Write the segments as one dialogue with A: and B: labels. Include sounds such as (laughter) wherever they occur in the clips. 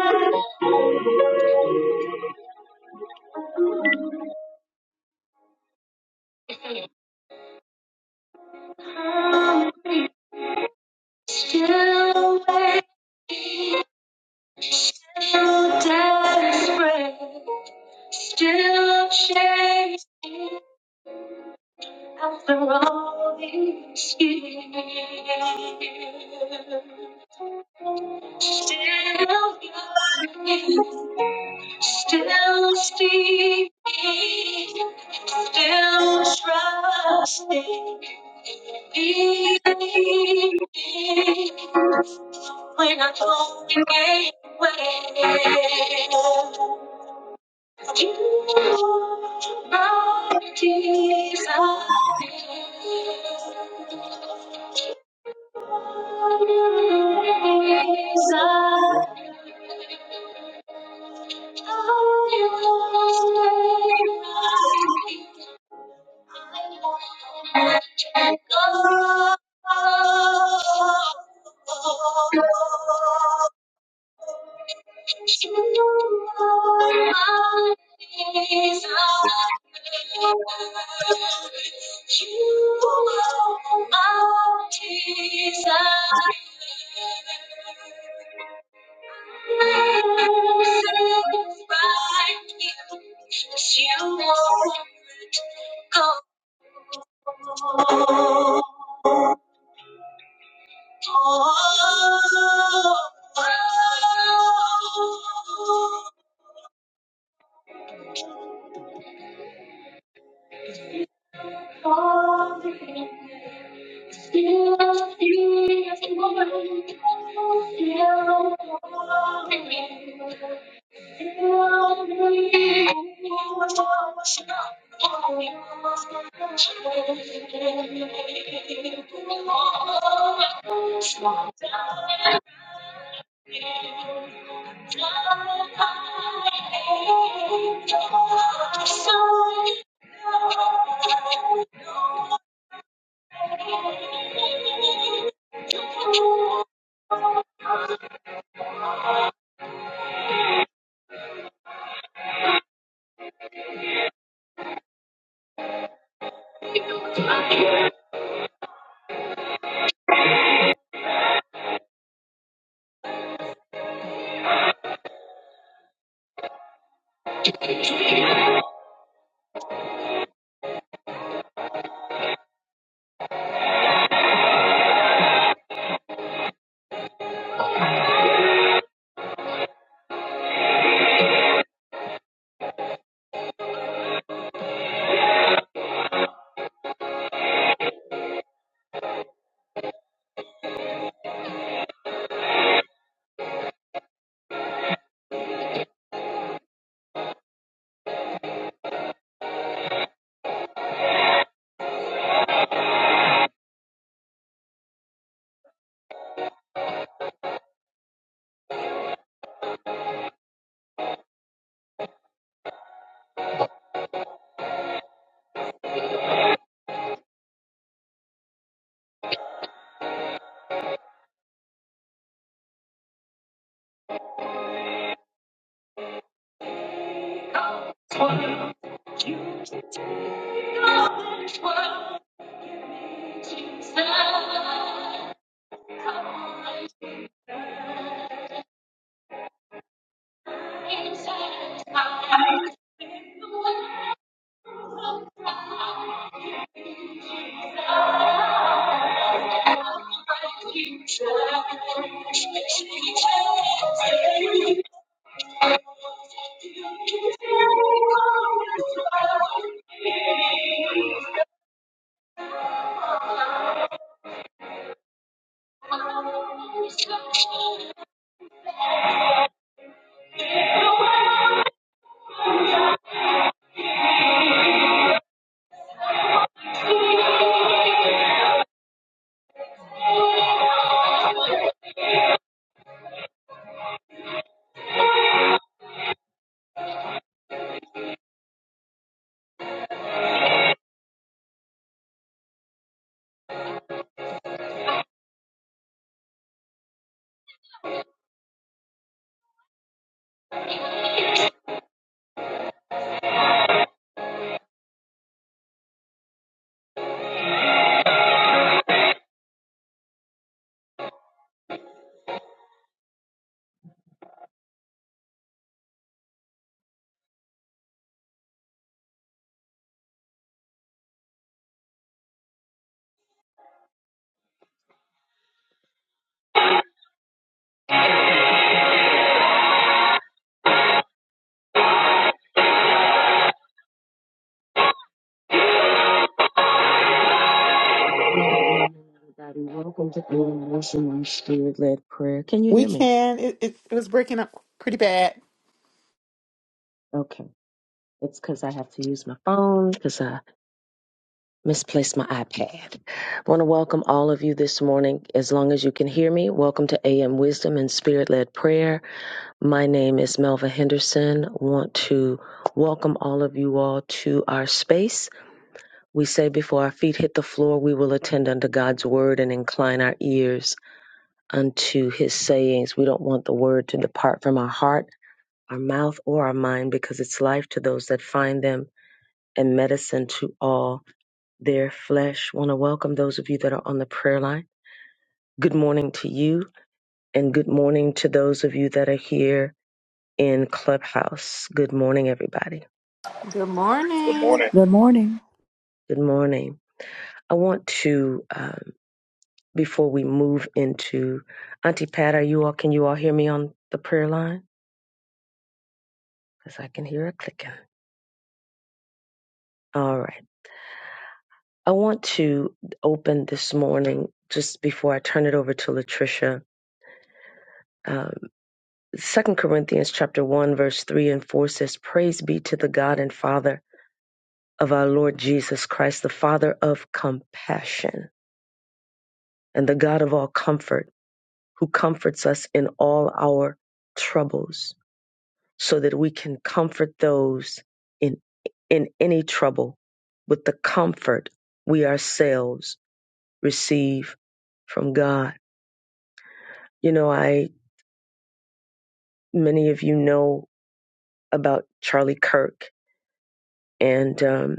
A: Still wait, still desperate, still chasing after all these years. Still yearning, still seeking, still trusting, believing. When I throw away, away, you brought Jesus. Jesus. Oh Holy, Everybody, welcome to Daily Motion Spirit Led Prayer. Can you
B: We
A: hear me?
B: can. It, it, it was breaking up pretty bad.
A: Okay. It's because I have to use my phone because misplaced my iPad. I want to welcome all of you this morning. As long as you can hear me, welcome to AM Wisdom and Spirit Led Prayer. My name is Melva Henderson. want to welcome all of you all to our space. We say before our feet hit the floor, we will attend unto God's word and incline our ears unto his sayings. We don't want the word to depart from our heart, our mouth, or our mind because it's life to those that find them and medicine to all their flesh. Want to welcome those of you that are on the prayer line. Good morning to you, and good morning to those of you that are here in Clubhouse. Good morning, everybody.
B: Good
C: Good
B: morning.
C: morning.
D: Good morning.
A: Good morning. I want to, um, before we move into Auntie Pat, are you all, can you all hear me on the prayer line? Because I can hear it clicking. All right. I want to open this morning, just before I turn it over to Latricia. um, Second Corinthians chapter one, verse three and four says, Praise be to the God and Father of our Lord Jesus Christ, the Father of compassion and the God of all comfort, who comforts us in all our troubles, so that we can comfort those in in any trouble with the comfort we ourselves receive from God. You know, I many of you know about Charlie Kirk and um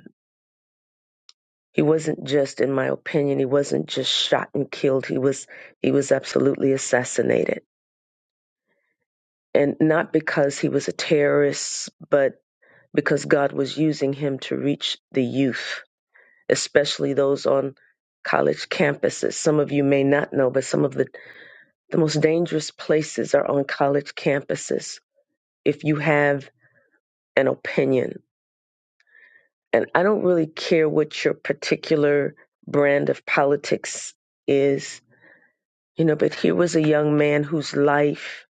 A: He wasn't just, in my opinion, he wasn't just shot and killed. He was he was absolutely assassinated. And not because he was a terrorist, but because God was using him to reach the youth, especially those on college campuses. Some of you may not know, but some of the, the most dangerous places are on college campuses. If you have an opinion, and I don't really care what your particular brand of politics is, You know, but here was a young man whose life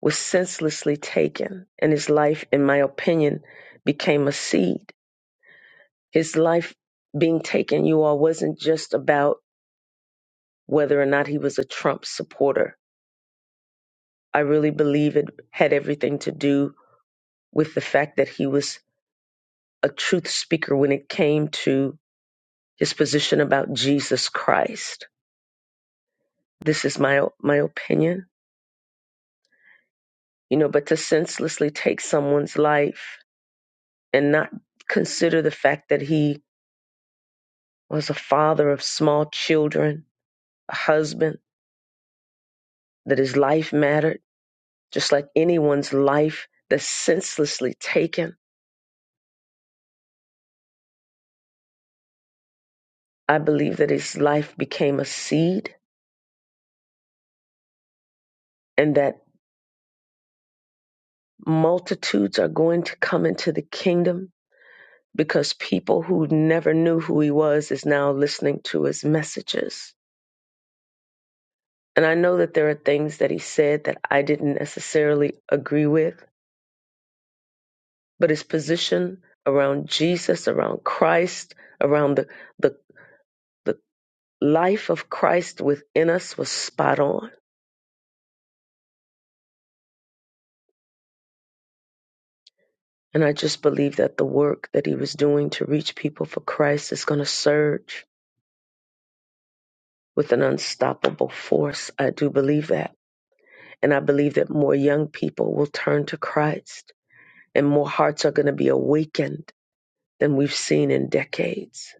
A: was senselessly taken, and his life, in my opinion, became a seed. His life being taken, you all, wasn't just about whether or not he was a Trump supporter. I really believe it had everything to do with the fact that he was a truth speaker when it came to his position about Jesus Christ. This is my my opinion, you know. But to senselessly take someone's life and not consider the fact that he was a father of small children, a husband, that his life mattered, just like anyone's life that's senselessly taken. I believe that his life became a seed and that multitudes are going to come into the kingdom because people who never knew who he was is now listening to his messages. And I know that there are things that he said that I didn't necessarily agree with but his position around Jesus, around Christ, around the, the, the life of Christ within us was spot on. And I just believe that the work that he was doing to reach people for Christ is going to surge with an unstoppable force. I do believe that. And I believe that more young people will turn to Christ and more hearts are going to be awakened than we've seen in decades.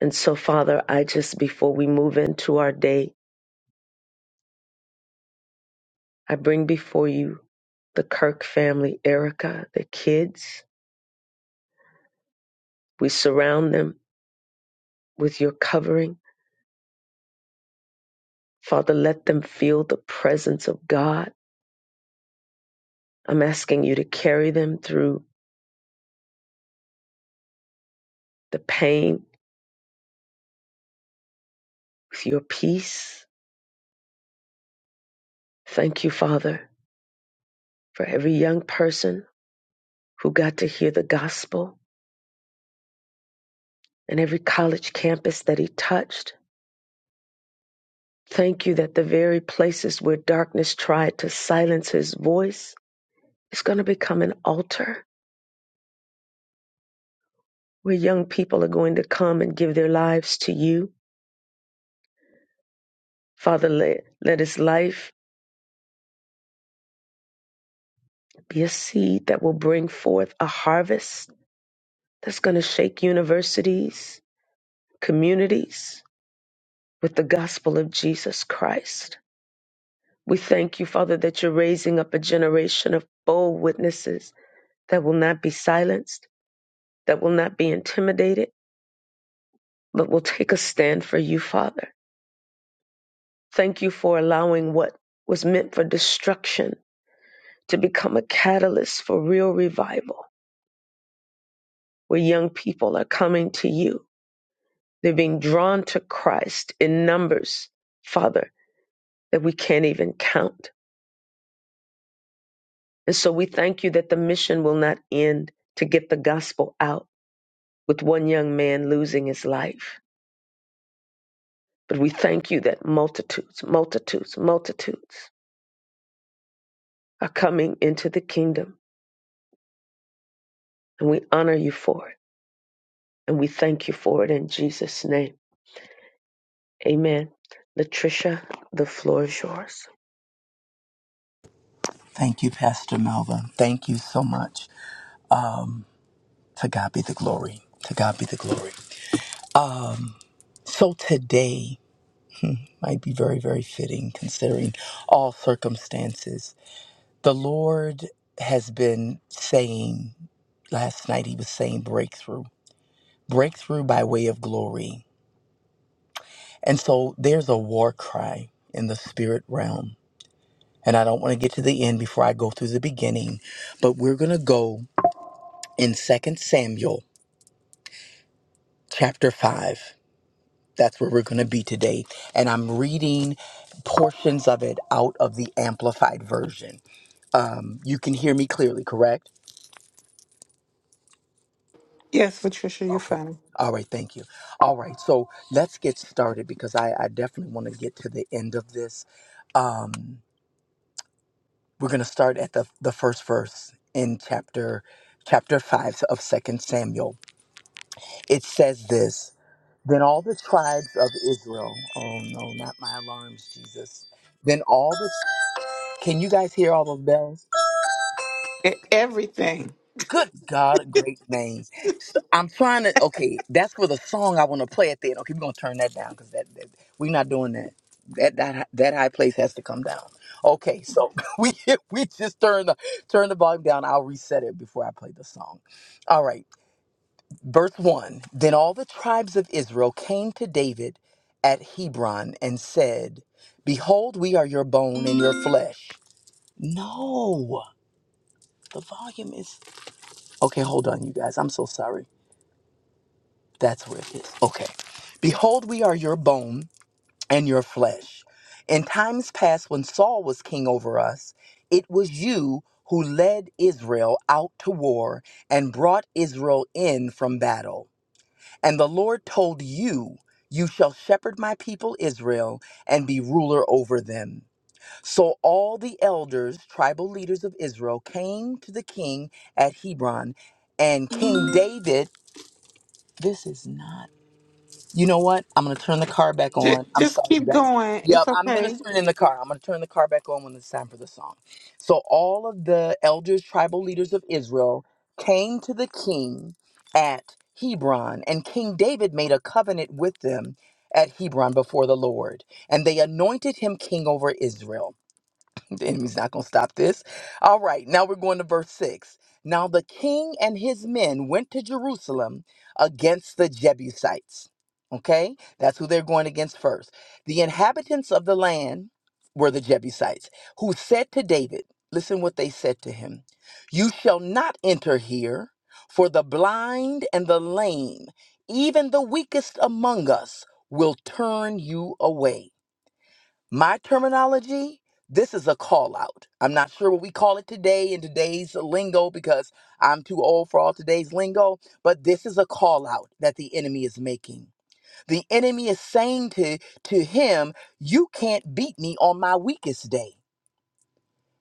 A: And so, Father, I just, before we move into our day, I bring before you the Kirk family, Erica, the kids. We surround them with your covering. Father, let them feel the presence of God. I'm asking you to carry them through the pain with your peace. Thank you, Father, for every young person who got to hear the gospel and every college campus that he touched. Thank you that the very places where darkness tried to silence his voice is going to become an altar where young people are going to come and give their lives to you. Father, let, let his life be a seed that will bring forth a harvest that's going to shake universities, communities with the gospel of Jesus Christ. We thank you, Father, that you're raising up a generation of bold witnesses that will not be silenced, that will not be intimidated, but will take a stand for you, Father. Thank you for allowing what was meant for destruction to become a catalyst for real revival, where young people are coming to you. They're being drawn to Christ in numbers, Father, that we can't even count. And so we thank you that the mission will not end to get the gospel out with one young man losing his life. But we thank you that multitudes, multitudes, multitudes are coming into the kingdom. And we honor you for it. And we thank you for it in Jesus' name. Amen. Latricia, the floor is yours.
E: Thank you, Pastor Melva. Thank you so much. To God be the glory. To God be the glory. So today might be very, very fitting considering all circumstances. The Lord has been saying, last night, He was saying breakthrough, breakthrough by way of glory. And so there's a war cry in the spirit realm. And I don't want to get to the end before I go through the beginning, but we're going to go in Second Samuel chapter 5. That's where we're going to be today. And I'm reading portions of it out of the amplified version. Um, you can hear me clearly, correct?
B: Yes, Patricia, you're
E: Okay.
B: funny.
E: All right, thank you. All right, so let's get started because I, I definitely want to get to the end of this. Um, we're going to start at the, the first verse in chapter chapter 5 of Second Samuel. It says this, then all the tribes of Israel, oh no, not my alarms, Jesus. Then all the Can you guys hear all those bells?
B: E- Everything.
E: Good God, great name. I'm trying to, okay, that's for the song I want to play at the end. Okay, we're going to turn that down because that, that we're not doing that. That, that hi- that high place has to come down. Okay, so (laughs) we we just turn the turn the volume down. I'll reset it before I play the song. All right, verse one. Then all the tribes of Israel came to David at Hebron and said, "Behold, we are your bone and your flesh." No, the volume is Okay, hold on, you guys. I'm so sorry. That's where it is. Okay. Behold, we are your bone and your flesh. In times past, when Saul was king over us, it was you who led Israel out to war and brought Israel in from battle. And the Lord told you, You shall shepherd my people Israel and be ruler over them. So all the elders, tribal leaders of Israel, came to the king at Hebron, and King David. This is not. You know what? I'm gonna turn the car back
B: Just,
E: on. I'm
B: just
E: sorry, you
B: keep
E: guys.
B: going.
E: Yep,
B: It's
E: I'm
B: okay.
E: ministering in the car. I'm gonna turn the car back on when it's time for the song. So all of the elders, tribal leaders of Israel, came to the king at Hebron, and King David made a covenant with them at Hebron before the Lord, and they anointed him king over Israel. The enemy's not going to stop this. All right, now we're going to verse 6. Now the king and his men went to Jerusalem against the Jebusites. Okay, that's who they're going against first. The inhabitants of the land were the Jebusites, who said to David, Listen what they said to him You shall not enter here, for the blind and the lame, even the weakest among us, will turn you away my terminology, this is a call out. I'm not sure what we call it today in today's lingo because I'm too old for all today's lingo, but this is a call out that the enemy is making. The enemy is saying to, to him, You can't beat me on my weakest day.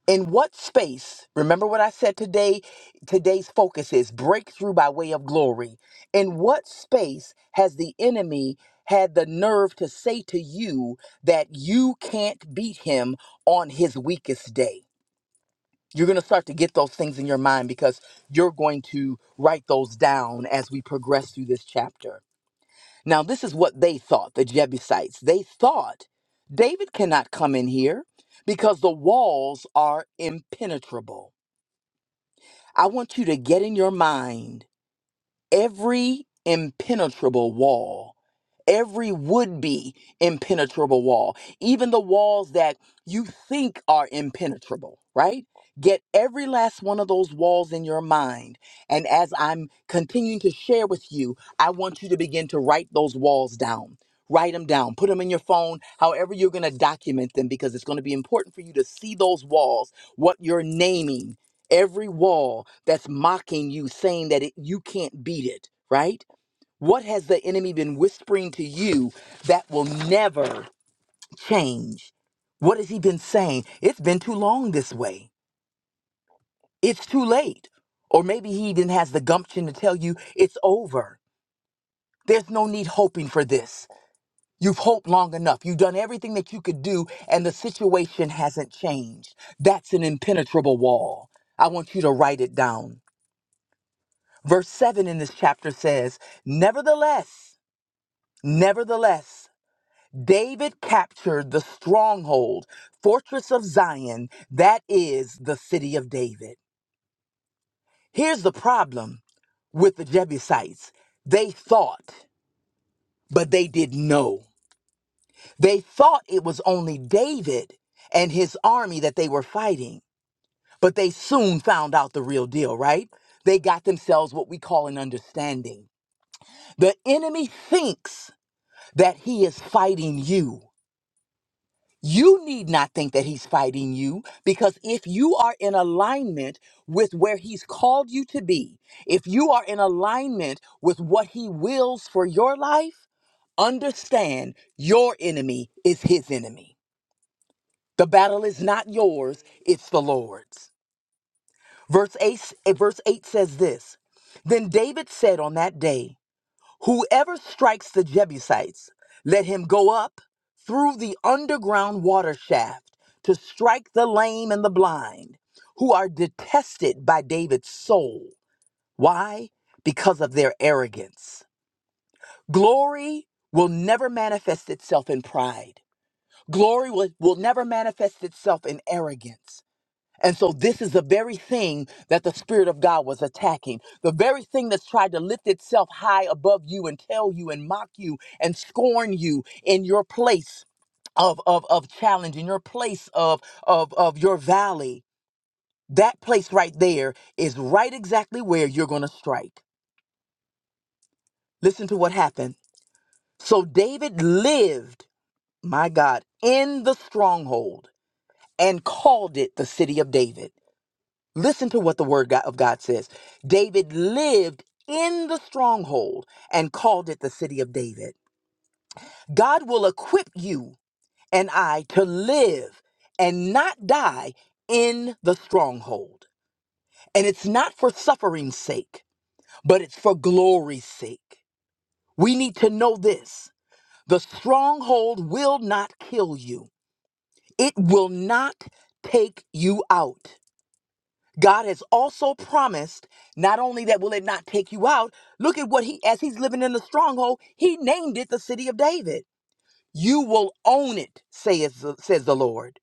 E: In what space? Remember what I said today? Today's focus is breakthrough by way of glory. In what space has the enemy had the nerve to say to you that you can't beat him on his weakest day? You're going to start to get those things in your mind because you're going to write those down as we progress through this chapter. Now, this is what they thought, the Jebusites. They thought David cannot come in here because the walls are impenetrable. I want you to get in your mind every impenetrable wall, every would be impenetrable wall, even the walls that you think are impenetrable, right? Get every last one of those walls in your mind. And as I'm continuing to share with you, I want you to begin to write those walls down. Write them down, put them in your phone, however, you're going to document them because it's going to be important for you to see those walls, what you're naming, every wall that's mocking you, saying that it, you can't beat it, right? What has the enemy been whispering to you that will never change? What has he been saying? It's been too long this way. It's too late. Or maybe he even has the gumption to tell you it's over. There's no need hoping for this. You've hoped long enough. You've done everything that you could do, and the situation hasn't changed. That's an impenetrable wall. I want you to write it down. Verse 7 in this chapter says, Nevertheless, nevertheless, David captured the stronghold, fortress of Zion, that is the city of David. Here's the problem with the Jebusites they thought, but they didn't know. They thought it was only David and his army that they were fighting, but they soon found out the real deal, right? They got themselves what we call an understanding. The enemy thinks that he is fighting you. You need not think that he's fighting you because if you are in alignment with where he's called you to be, if you are in alignment with what he wills for your life, understand your enemy is his enemy. The battle is not yours, it's the Lord's. Verse 8, verse 8 says this Then David said on that day, Whoever strikes the Jebusites, let him go up through the underground water shaft to strike the lame and the blind, who are detested by David's soul. Why? Because of their arrogance. Glory will never manifest itself in pride. Glory will, will never manifest itself in arrogance. And so, this is the very thing that the Spirit of God was attacking. The very thing that's tried to lift itself high above you and tell you and mock you and scorn you in your place of, of, of challenge, in your place of, of, of your valley. That place right there is right exactly where you're going to strike. Listen to what happened. So, David lived, my God, in the stronghold and called it the city of David. Listen to what the word God- of God says. David lived in the stronghold and called it the city of David. God will equip you and I to live and not die in the stronghold. And it's not for suffering's sake, but it's for glory's sake. We need to know this the stronghold will not kill you, it will not take you out. God has also promised not only that will it not take you out, look at what he, as he's living in the stronghold, he named it the city of David. You will own it, says, the- says the Lord.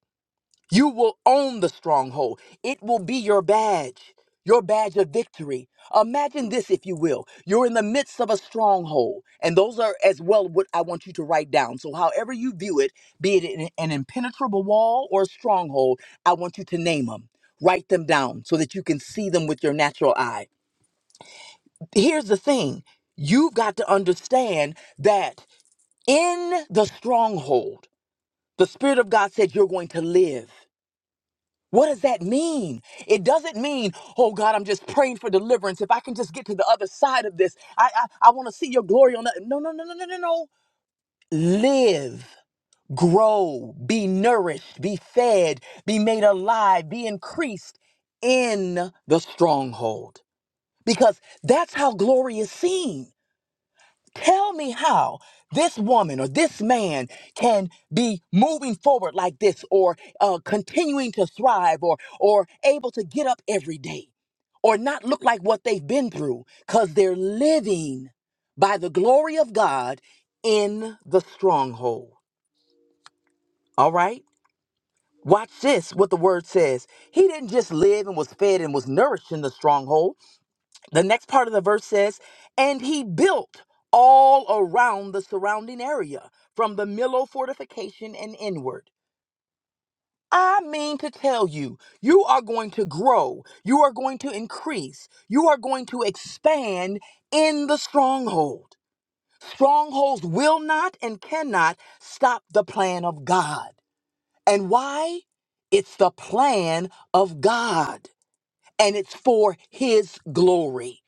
E: You will own the stronghold. It will be your badge, your badge of victory. Imagine this, if you will. You're in the midst of a stronghold, and those are as well what I want you to write down. So, however you view it, be it an an impenetrable wall or a stronghold, I want you to name them. Write them down so that you can see them with your natural eye. Here's the thing you've got to understand that in the stronghold, the Spirit of God said you're going to live. What does that mean? It doesn't mean, oh God, I'm just praying for deliverance. If I can just get to the other side of this, I I, I want to see your glory on that. No, no, no, no, no, no, no. Live, grow, be nourished, be fed, be made alive, be increased in the stronghold. Because that's how glory is seen. Tell me how this woman or this man can be moving forward like this or uh, continuing to thrive or, or able to get up every day or not look like what they've been through because they're living by the glory of God in the stronghold. All right? Watch this, what the word says. He didn't just live and was fed and was nourished in the stronghold. The next part of the verse says, And he built all around the surrounding area from the Millo fortification and inward. I mean to tell you, you are going to grow, you are going to increase, you are going to expand in the stronghold. Strongholds will not and cannot stop the plan of God. And why? It's the plan of God, and it's for His glory.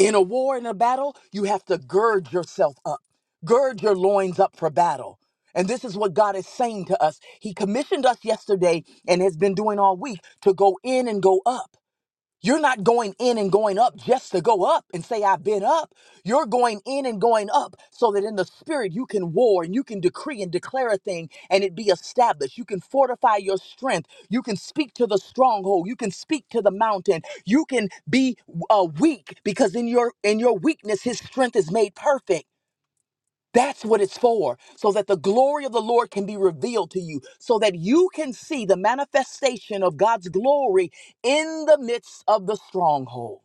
E: In a war, in a battle, you have to gird yourself up, gird your loins up for battle. And this is what God is saying to us. He commissioned us yesterday and has been doing all week to go in and go up. You're not going in and going up just to go up and say, I've been up. You're going in and going up so that in the spirit you can war and you can decree and declare a thing and it be established. You can fortify your strength. You can speak to the stronghold. You can speak to the mountain. You can be uh, weak because in your in your weakness his strength is made perfect. That's what it's for, so that the glory of the Lord can be revealed to you, so that you can see the manifestation of God's glory in the midst of the stronghold.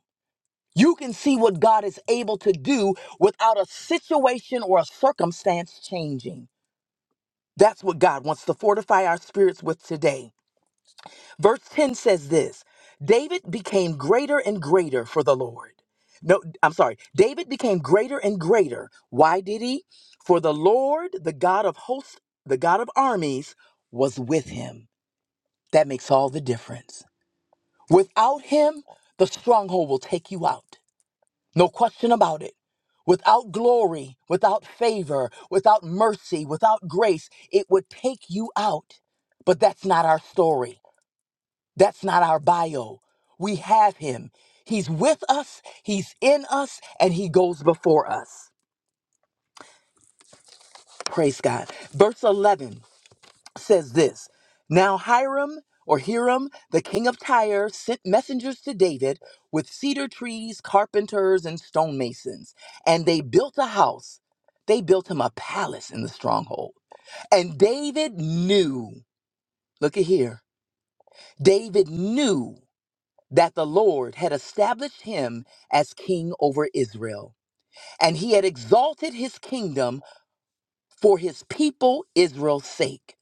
E: You can see what God is able to do without a situation or a circumstance changing. That's what God wants to fortify our spirits with today. Verse 10 says this David became greater and greater for the Lord. No, I'm sorry. David became greater and greater. Why did he? For the Lord, the God of hosts, the God of armies, was with him. That makes all the difference. Without him, the stronghold will take you out. No question about it. Without glory, without favor, without mercy, without grace, it would take you out. But that's not our story. That's not our bio. We have him. He's with us, he's in us, and he goes before us. Praise God. Verse 11 says this Now Hiram or Hiram, the king of Tyre, sent messengers to David with cedar trees, carpenters, and stonemasons, and they built a house. They built him a palace in the stronghold. And David knew, look at here, David knew that the Lord had established him as king over Israel, and he had exalted his kingdom for his people Israel's sake.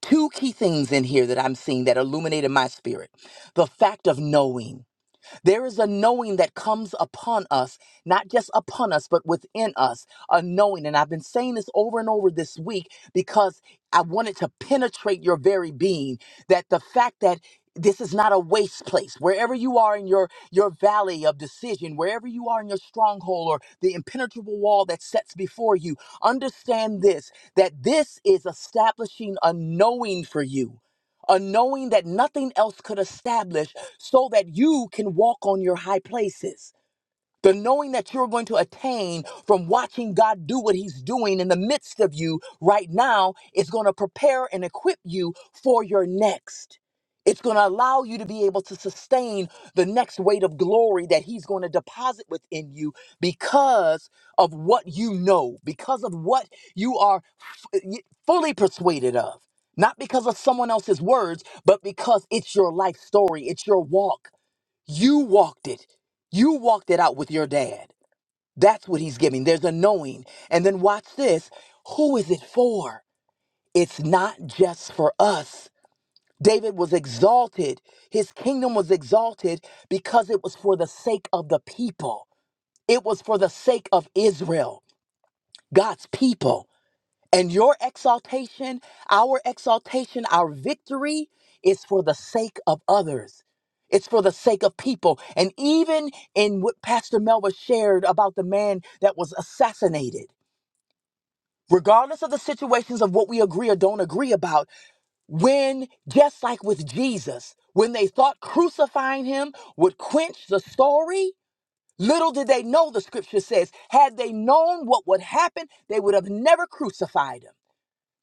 E: Two key things in here that I'm seeing that illuminated my spirit the fact of knowing. There is a knowing that comes upon us, not just upon us, but within us, a knowing. And I've been saying this over and over this week because I wanted to penetrate your very being. That the fact that this is not a waste place. Wherever you are in your your valley of decision, wherever you are in your stronghold or the impenetrable wall that sets before you, understand this that this is establishing a knowing for you a knowing that nothing else could establish so that you can walk on your high places. The knowing that you're going to attain from watching God do what He's doing in the midst of you right now is going to prepare and equip you for your next. It's going to allow you to be able to sustain the next weight of glory that He's going to deposit within you because of what you know, because of what you are f- uh, y- fully persuaded of. Not because of someone else's words, but because it's your life story, it's your walk you walked it. You walked it out with your dad. That's what he's giving. There's a knowing. And then watch this. Who is it for? It's not just for us. David was exalted. His kingdom was exalted because it was for the sake of the people. It was for the sake of Israel, God's people. And your exaltation, our exaltation, our victory is for the sake of others. It's for the sake of people. And even in what Pastor Melva shared about the man that was assassinated, regardless of the situations of what we agree or don't agree about, when, just like with Jesus, when they thought crucifying him would quench the story, little did they know, the scripture says, had they known what would happen, they would have never crucified him.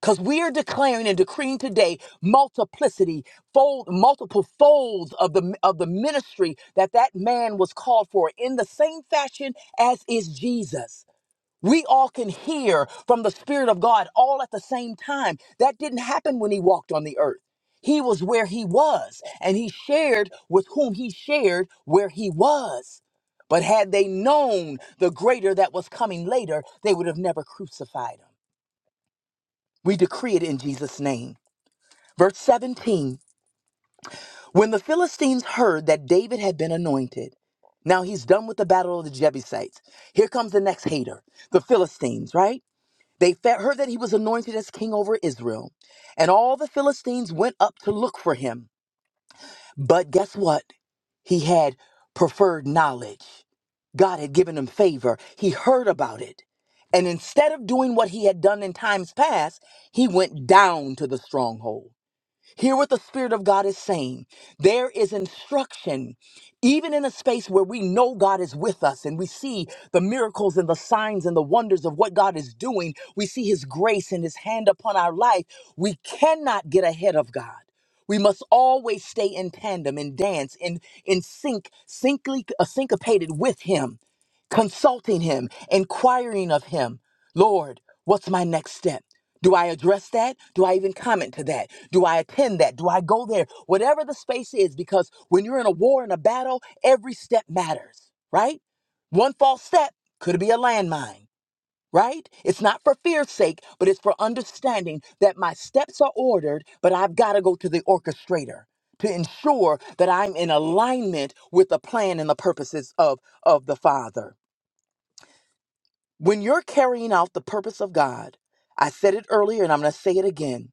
E: Because we are declaring and decreeing today multiplicity, fold, multiple folds of the, of the ministry that that man was called for in the same fashion as is Jesus. We all can hear from the Spirit of God all at the same time. That didn't happen when he walked on the earth. He was where he was, and he shared with whom he shared where he was. But had they known the greater that was coming later, they would have never crucified him. We decree it in Jesus' name. Verse 17 When the Philistines heard that David had been anointed, now he's done with the battle of the Jebusites. Here comes the next hater, the Philistines, right? They fe- heard that he was anointed as king over Israel, and all the Philistines went up to look for him. But guess what? He had preferred knowledge. God had given him favor. He heard about it. And instead of doing what he had done in times past, he went down to the stronghold. Hear what the Spirit of God is saying. There is instruction, even in a space where we know God is with us and we see the miracles and the signs and the wonders of what God is doing. We see His grace and His hand upon our life. We cannot get ahead of God. We must always stay in tandem in dance in in sync, syncly, uh, syncopated with Him, consulting Him, inquiring of Him. Lord, what's my next step? Do I address that? Do I even comment to that? Do I attend that? Do I go there? Whatever the space is, because when you're in a war in a battle, every step matters, right? One false step could be a landmine, right? It's not for fear's sake, but it's for understanding that my steps are ordered, but I've got to go to the orchestrator to ensure that I'm in alignment with the plan and the purposes of, of the Father. When you're carrying out the purpose of God, I said it earlier and I'm going to say it again.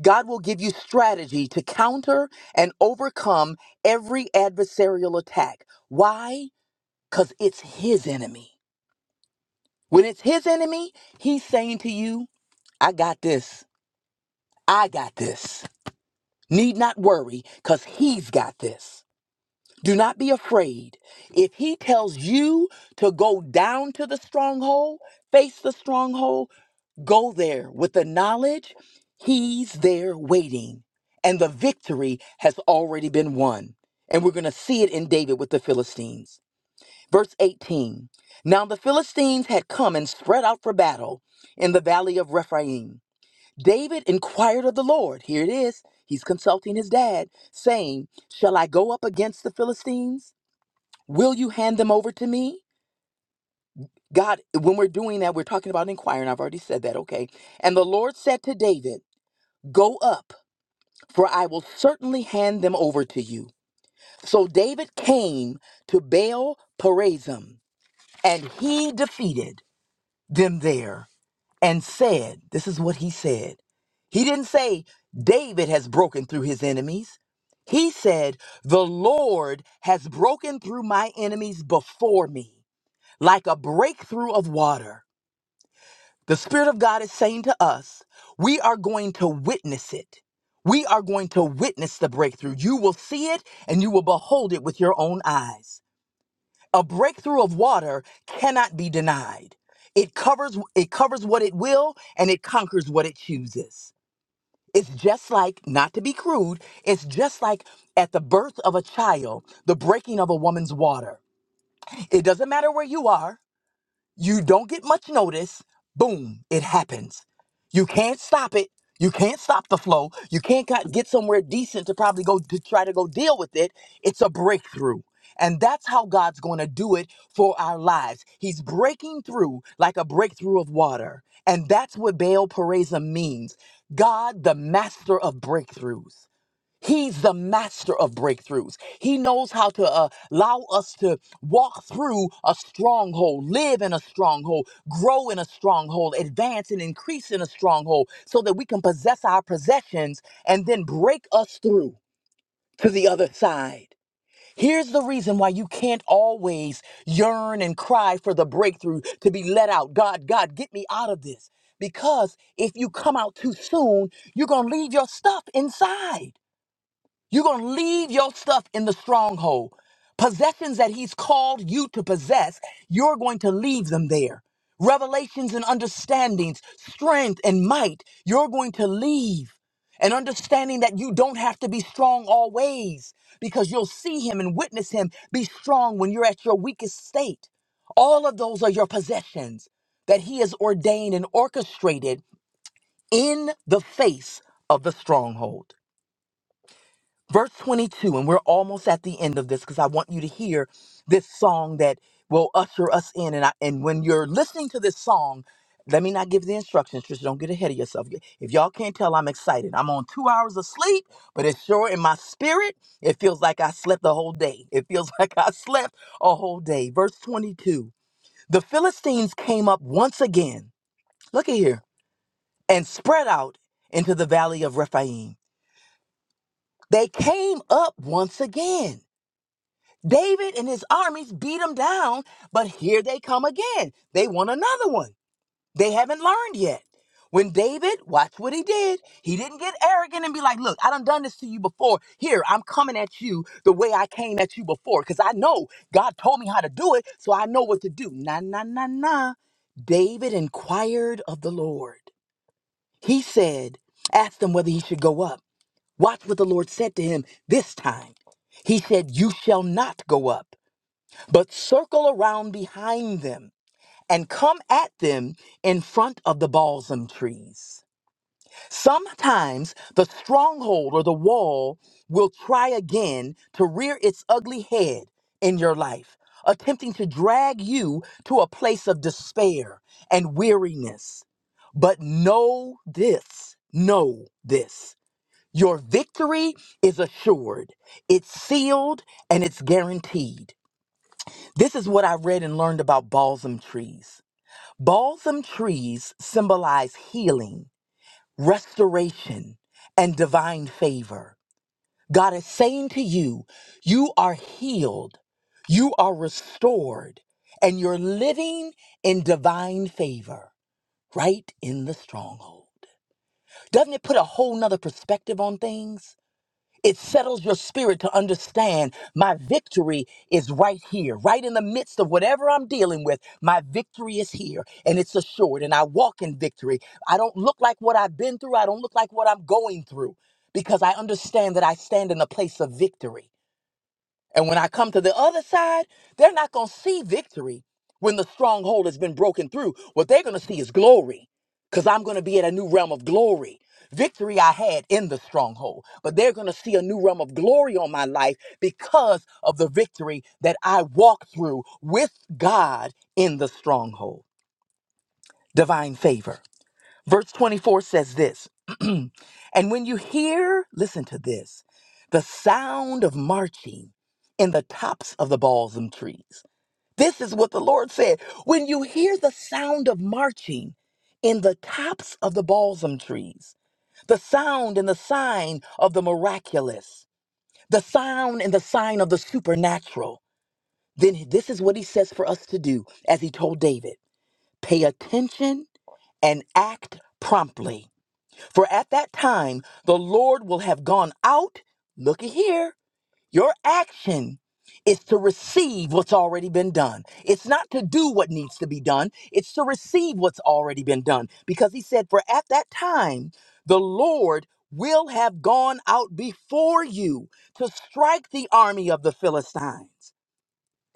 E: God will give you strategy to counter and overcome every adversarial attack. Why? Because it's His enemy. When it's His enemy, He's saying to you, I got this. I got this. Need not worry because He's got this. Do not be afraid. If He tells you to go down to the stronghold, face the stronghold, Go there with the knowledge he's there waiting, and the victory has already been won. And we're going to see it in David with the Philistines. Verse 18 Now the Philistines had come and spread out for battle in the valley of Rephaim. David inquired of the Lord. Here it is. He's consulting his dad, saying, Shall I go up against the Philistines? Will you hand them over to me? God, when we're doing that, we're talking about inquiring. I've already said that, okay? And the Lord said to David, Go up, for I will certainly hand them over to you. So David came to Baal Perazim, and he defeated them there and said, This is what he said. He didn't say, David has broken through his enemies. He said, The Lord has broken through my enemies before me, like a breakthrough of water. The Spirit of God is saying to us, we are going to witness it. We are going to witness the breakthrough. You will see it and you will behold it with your own eyes. A breakthrough of water cannot be denied. It covers it covers what it will and it conquers what it chooses. It's just like, not to be crude, it's just like at the birth of a child, the breaking of a woman's water. It doesn't matter where you are. You don't get much notice. Boom, it happens. You can't stop it. You can't stop the flow. You can't got- get somewhere decent to probably go to try to go deal with it. It's a breakthrough. And that's how God's going to do it for our lives. He's breaking through like a breakthrough of water. And that's what Baal Pereza means God, the master of breakthroughs. He's the master of breakthroughs. He knows how to uh, allow us to walk through a stronghold, live in a stronghold, grow in a stronghold, advance and increase in a stronghold so that we can possess our possessions and then break us through to the other side. Here's the reason why you can't always yearn and cry for the breakthrough to be let out. God, God, get me out of this. Because if you come out too soon, you're going to leave your stuff inside. You're going to leave your stuff in the stronghold. Possessions that he's called you to possess, you're going to leave them there. Revelations and understandings, strength and might, you're going to leave. And understanding that you don't have to be strong always because you'll see him and witness him be strong when you're at your weakest state. All of those are your possessions that he has ordained and orchestrated in the face of the stronghold verse 22 and we're almost at the end of this because i want you to hear this song that will usher us in and I, and when you're listening to this song let me not give the instructions just don't get ahead of yourself if y'all can't tell i'm excited i'm on two hours of sleep but it's sure in my spirit it feels like i slept the whole day it feels (laughs) like i slept a whole day verse 22 the philistines came up once again look at here and spread out into the valley of rephaim they came up once again David and his armies beat them down, but here they come again. They want another one. They haven't learned yet. When David, watch what he did. He didn't get arrogant and be like, look, I done done this to you before. Here, I'm coming at you the way I came at you before. Because I know God told me how to do it, so I know what to do. Nah, nah, nah, nah. David inquired of the Lord. He said, asked him whether he should go up. Watch what the Lord said to him this time. He said, You shall not go up but circle around behind them and come at them in front of the balsam trees. Sometimes the stronghold or the wall will try again to rear its ugly head in your life, attempting to drag you to a place of despair and weariness. But know this, know this. Your victory is assured, it's sealed, and it's guaranteed. This is what I read and learned about balsam trees. Balsam trees symbolize healing, restoration, and divine favor. God is saying to you, you are healed, you are restored, and you're living in divine favor right in the stronghold. Doesn't it put a whole nother perspective on things? It settles your spirit to understand my victory is right here, right in the midst of whatever I'm dealing with. My victory is here and it's assured, and I walk in victory. I don't look like what I've been through, I don't look like what I'm going through because I understand that I stand in a place of victory. And when I come to the other side, they're not going to see victory when the stronghold has been broken through. What they're going to see is glory because I'm going to be at a new realm of glory. Victory I had in the stronghold, but they're going to see a new realm of glory on my life because of the victory that I walked through with God in the stronghold. Divine favor. Verse 24 says this (clears throat) And when you hear, listen to this, the sound of marching in the tops of the balsam trees. This is what the Lord said. When you hear the sound of marching in the tops of the balsam trees, the sound and the sign of the miraculous, the sound and the sign of the supernatural, then this is what he says for us to do, as he told David pay attention and act promptly. For at that time, the Lord will have gone out. Looky here. Your action is to receive what's already been done. It's not to do what needs to be done, it's to receive what's already been done. Because he said, For at that time, the Lord will have gone out before you to strike the army of the Philistines.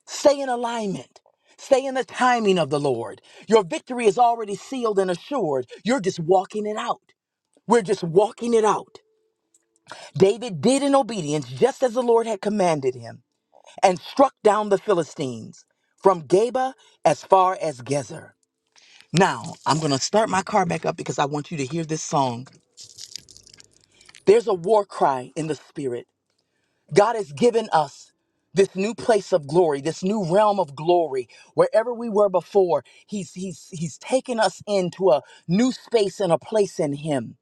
E: Stay in alignment. Stay in the timing of the Lord. Your victory is already sealed and assured. You're just walking it out. We're just walking it out. David did in obedience just as the Lord had commanded him and struck down the Philistines from Geba as far as Gezer. Now, I'm going to start my car back up because I want you to hear this song. There's a war cry in the spirit. God has given us this new place of glory, this new realm of glory, wherever we were before, he's he's he's taken us into a new space and a place in him.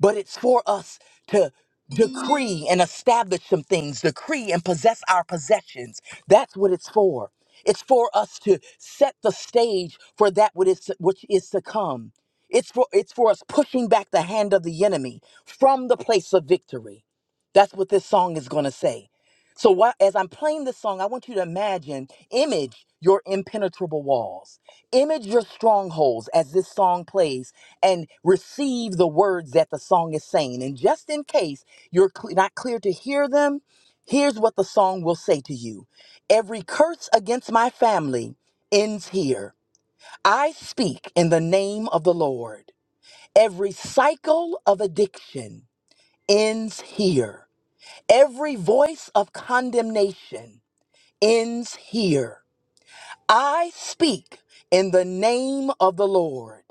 E: but it's for us to decree and establish some things, decree and possess our possessions. That's what it's for. It's for us to set the stage for that which is which is to come. It's for it's for us pushing back the hand of the enemy from the place of victory. That's what this song is going to say. So why, as I'm playing this song, I want you to imagine, image your impenetrable walls image your strongholds as this song plays and receive the words that the song is saying and just in case you're cle not clear to hear them here's what the song will say to you every curse against my family ends here i speak in the name of the lord every cycle of addiction ends here every voice of condemnation ends here i speak in the name of the lord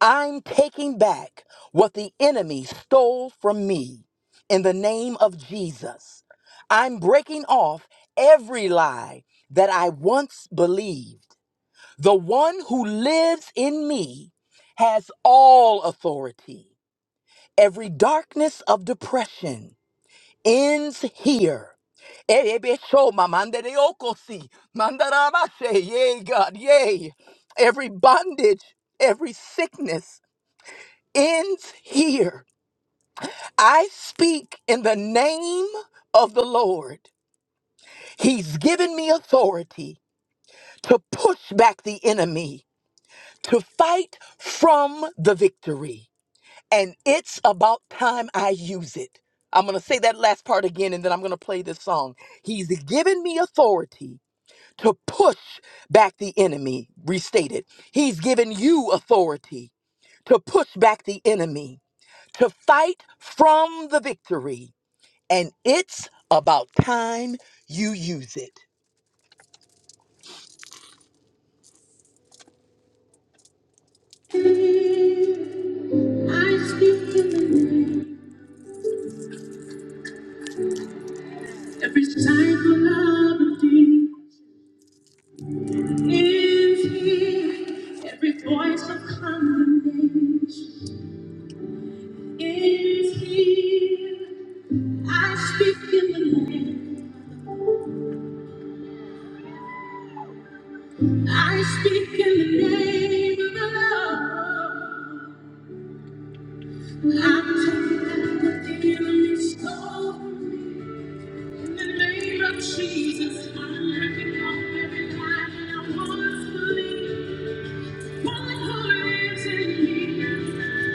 E: I'm taking back what the enemy stole from me in the name of Jesus. I'm breaking off every lie that I once believed. The one who lives in me has all authority. Every darkness of depression ends here. Ebebesho mamandereokosi, mandarabashe, Yay, God, yay. Every bondage, every sickness ends here. I speak in the name of the Lord. He's given me authority to push back the enemy, to fight from the victory. And it's about time I use it. I'm going to say that last part again and then I'm going to play this song. He's given me authority to push back the enemy. Restated. He's given you authority to push back the enemy, to fight from the victory. and it's about time you use it. I speak in the name. Every cycle of thee is here. Every voice of condemnation is here. I speak in the name. I speak in the name of the Lord. I'm taking back the enemy stole. In the name of Jesus, I'm letting go of every lie that I once believed. One who lives in me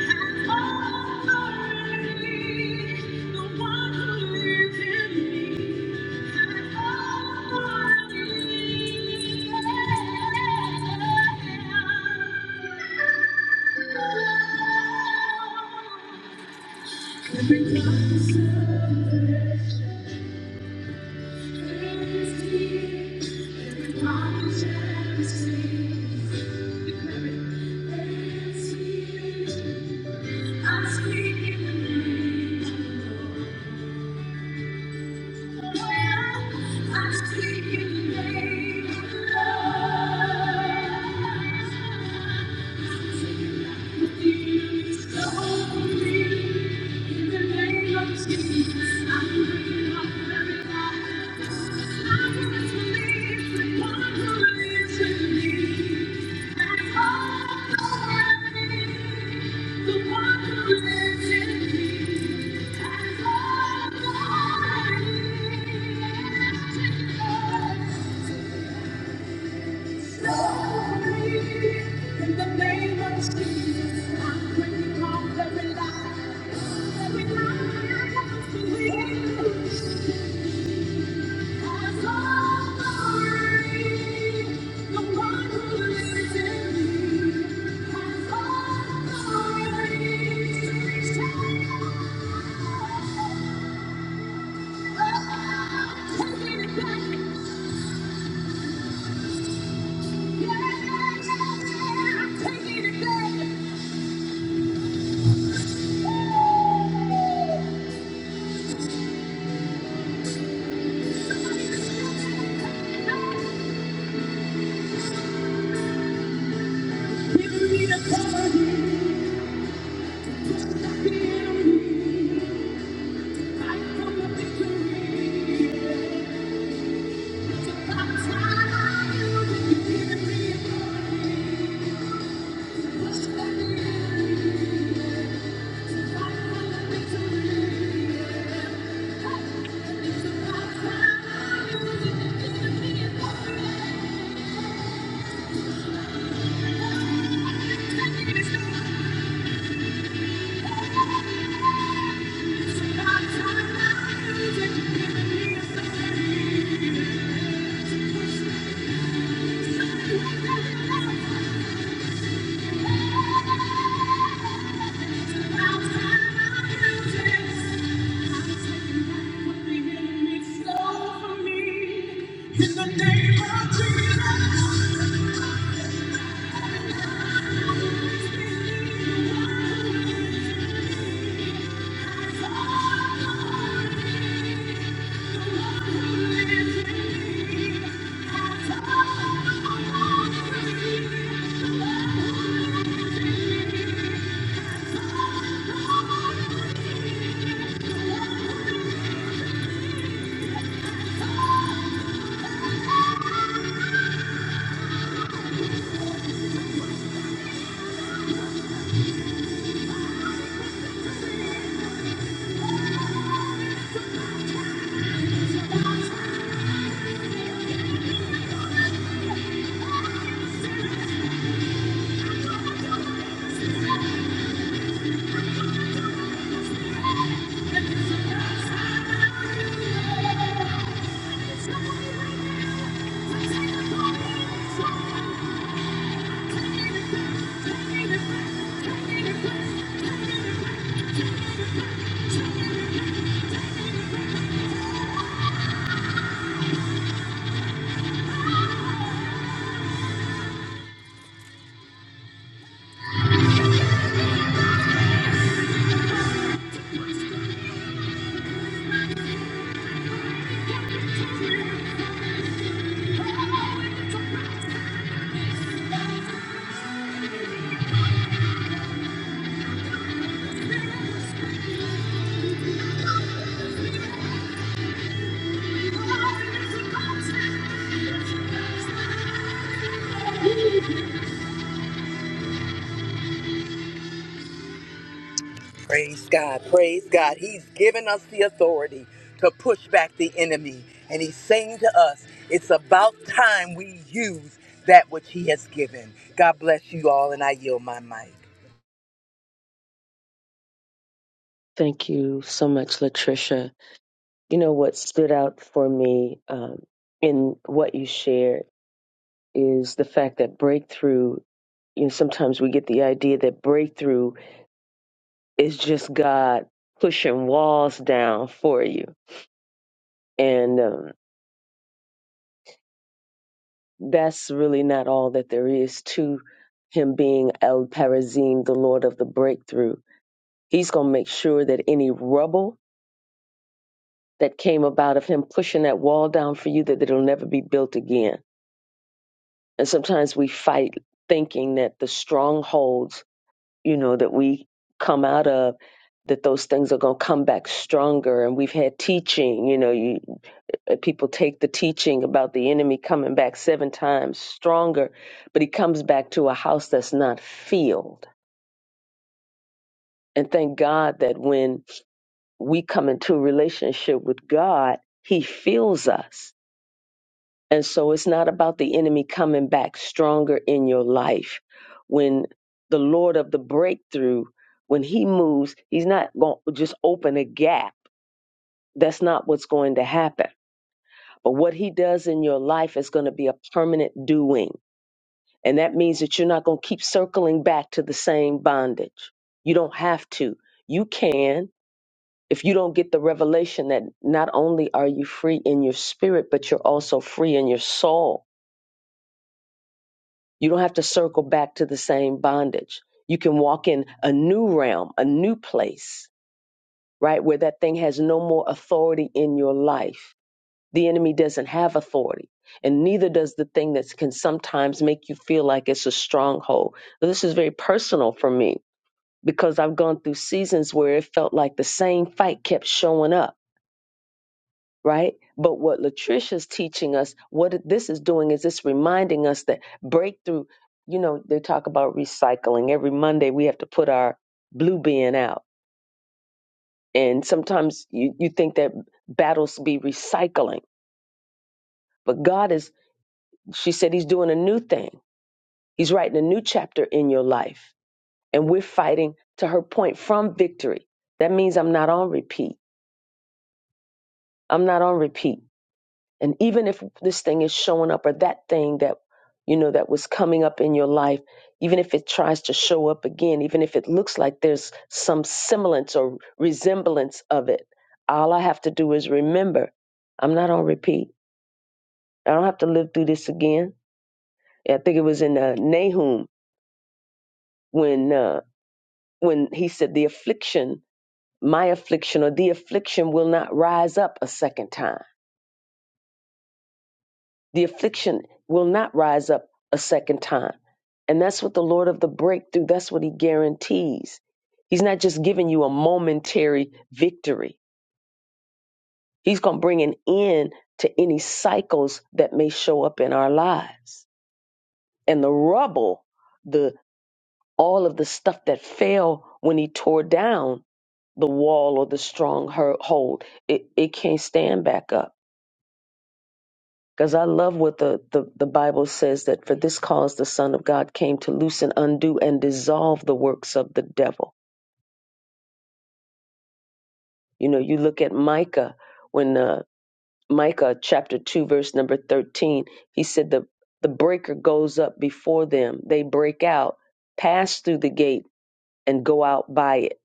E: has all authority. The one who lives in me has all authority. Every time I I'm speaking the name of the Lord. I see you made love. Thank you. In the name of Jesus, I'm breaking off every lie. Every lie I have Thank you. Thank you. In the name of Jesus. Praise God. Praise God. He's given us the authority to push back the enemy. And he's saying to us, it's about time we use that which he has given. God bless you all, and I yield my mic.
A: Thank you so much, Latricia. You know what stood out for me um, in what you shared is the fact that breakthrough. You know, sometimes we get the idea that breakthrough is just God pushing walls down for you, and um, that's really not all that there is to Him being El Parazim, the Lord of the breakthrough. He's going to make sure that any rubble that came about of Him pushing that wall down for you, that it'll never be built again And sometimes we fight thinking that the strongholds, you know, that we come out of, that those things are going to come back stronger. And we've had teaching, you know, you, uh, people take the teaching about the enemy coming back seven times stronger, but he comes back to a house that's not filled. And thank God that when we come into a relationship with God, he fills us And so it's not about the enemy coming back stronger in your life. When the Lord of the breakthrough, when he moves, he's not going to just open a gap. That's not what's going to happen. But what he does in your life is going to be a permanent doing. And that means that you're not going to keep circling back to the same bondage. You don't have to. You can if you don't get the revelation that not only are you free in your spirit, but you're also free in your soul You don't have to circle back to the same bondage. You can walk in a new realm, a new place, right? Where that thing has no more authority in your life. The enemy doesn't have authority, and neither does the thing that can sometimes make you feel like it's a stronghold. This is very personal for me because I've gone through seasons where it felt like the same fight kept showing up right? But what Latricia's teaching us, what it- this is doing is it's reminding us that breakthrough, you know, they talk about recycling. Every Monday we have to put our blue bin out. And sometimes you, you think that battles be recycling. But God is, she said, He's doing a new thing. He's writing a new chapter in your life. And we're fighting to her point from victory. That means I'm not on repeat. I'm not on repeat. And even if this thing is showing up or that thing that, you know, that was coming up in your life, even if it tries to show up again, even if it looks like there's some semblance or resemblance of it, all I have to do is remember I'm not on repeat. I don't have to live through this again. I think it was in uh, Nahum when uh, when he said the affliction, my affliction or the affliction will not rise up a second time The affliction will not rise up a second time. And that's what the Lord of the breakthrough, that's what he guarantees. He's not just giving you a momentary victory. He's going to bring an end to any cycles that may show up in our lives. And the rubble, the all of the stuff that fell when he tore down the wall or the stronghold, it, it can't stand back up Because I love what the, the, the Bible says that for this cause the Son of God came to loosen, undo, and dissolve the works of the devil. You know, you look at Micah, when uh, Micah chapter 2, verse number 13, he said, the, the breaker goes up before them, they break out, pass through the gate, and go out by it.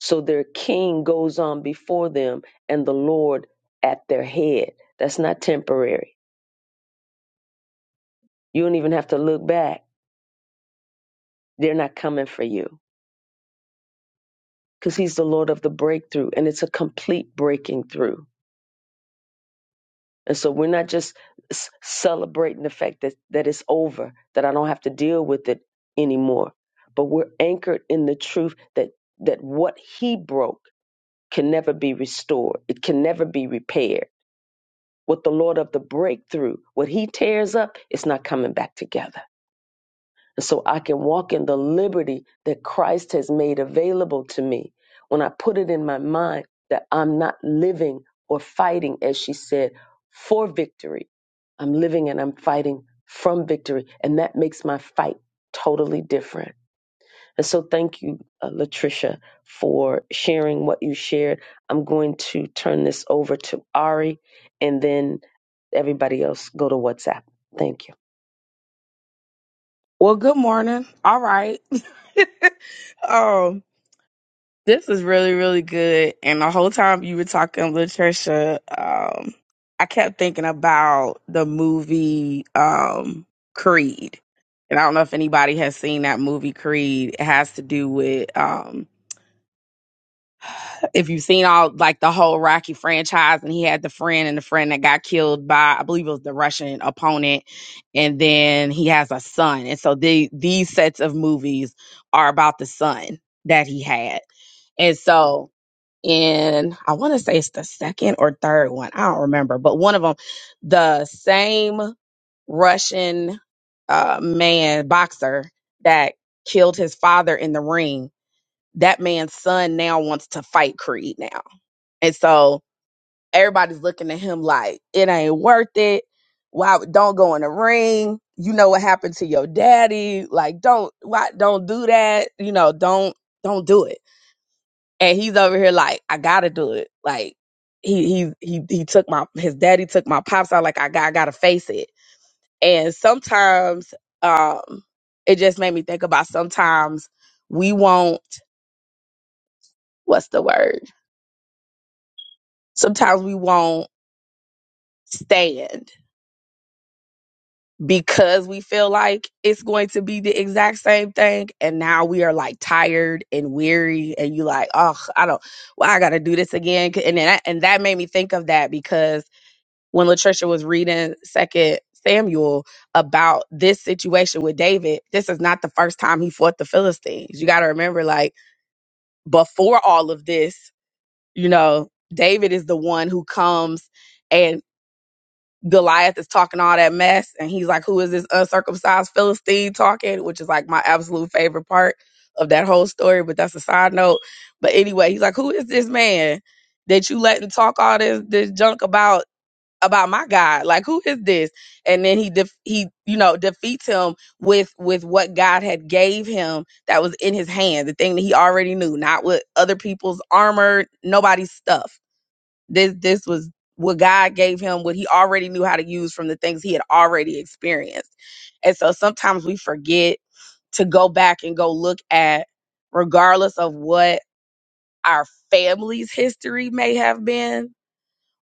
A: So their king goes on before them, and the Lord at their head. That's not temporary. You don't even have to look back, they're not coming for you because he's the Lord of the breakthrough and it's a complete breaking through. And so we're not just s- celebrating the fact that, that it's over, that I don't have to deal with it anymore, but we're anchored in the truth that, that what he broke can never be restored. It can never be repaired. What the Lord of the breakthrough, what he tears up, it's not coming back together. so I can walk in the liberty that Christ has made available to me. When I put it in my mind that I'm not living or fighting, as she said, for victory, I'm living and I'm fighting from victory. And that makes my fight totally different. And so, thank you, uh, Latricia, for sharing what you shared. I'm going to turn this over to Ari and then everybody else go to WhatsApp. Thank you.
F: Well, good morning. All right. (laughs) um, this is really, really good. And the whole time you were talking, Latricia, um, I kept thinking about the movie um, Creed. And I don't know if anybody has seen that movie Creed. It has to do with um, if you've seen all like the whole Rocky franchise, and he had the friend and the friend that got killed by, I believe it was the Russian opponent, and then he has a son, and so the these sets of movies are about the son that he had, and so in I want to say it's the second or third one, I don't remember, but one of them, the same Russian uh, man boxer that killed his father in the ring. That man's son now wants to fight Creed now and so everybody's looking at him like, it ain't worth it. Why don't go in the ring? You know what happened to your daddy. Like, don't why don't do that? You know, don't don't do it. And he's over here like, I gotta do it. Like he he he he took my his daddy took my pops out like I got I gotta face it. And sometimes um it just made me think about sometimes we won't what's the word? Sometimes we won't stand because we feel like it's going to be the exact same thing and now we are like tired and weary and you like oh i don't well i gotta do this again and then that, and that made me think of that because when latricia was reading second samuel about this situation with david this is not the first time he fought the philistines you gotta remember like before all of this you know david is the one who comes Goliath is talking all that mess, and he's like, "Who is this uncircumcised Philistine talking?" Which is like my absolute favorite part of that whole story. But that's a side note. But anyway, he's like, "Who is this man that you letting talk all this this junk about about my God? Like, who is this?" And then he def- he you know defeats him with with what God had gave him that was in his hand, the thing that he already knew, not with other people's armor, nobody's stuff this this was what God gave him, what he already knew how to use from the things he had already experienced. And so sometimes we forget to go back and go look at, regardless of what our family's history may have been,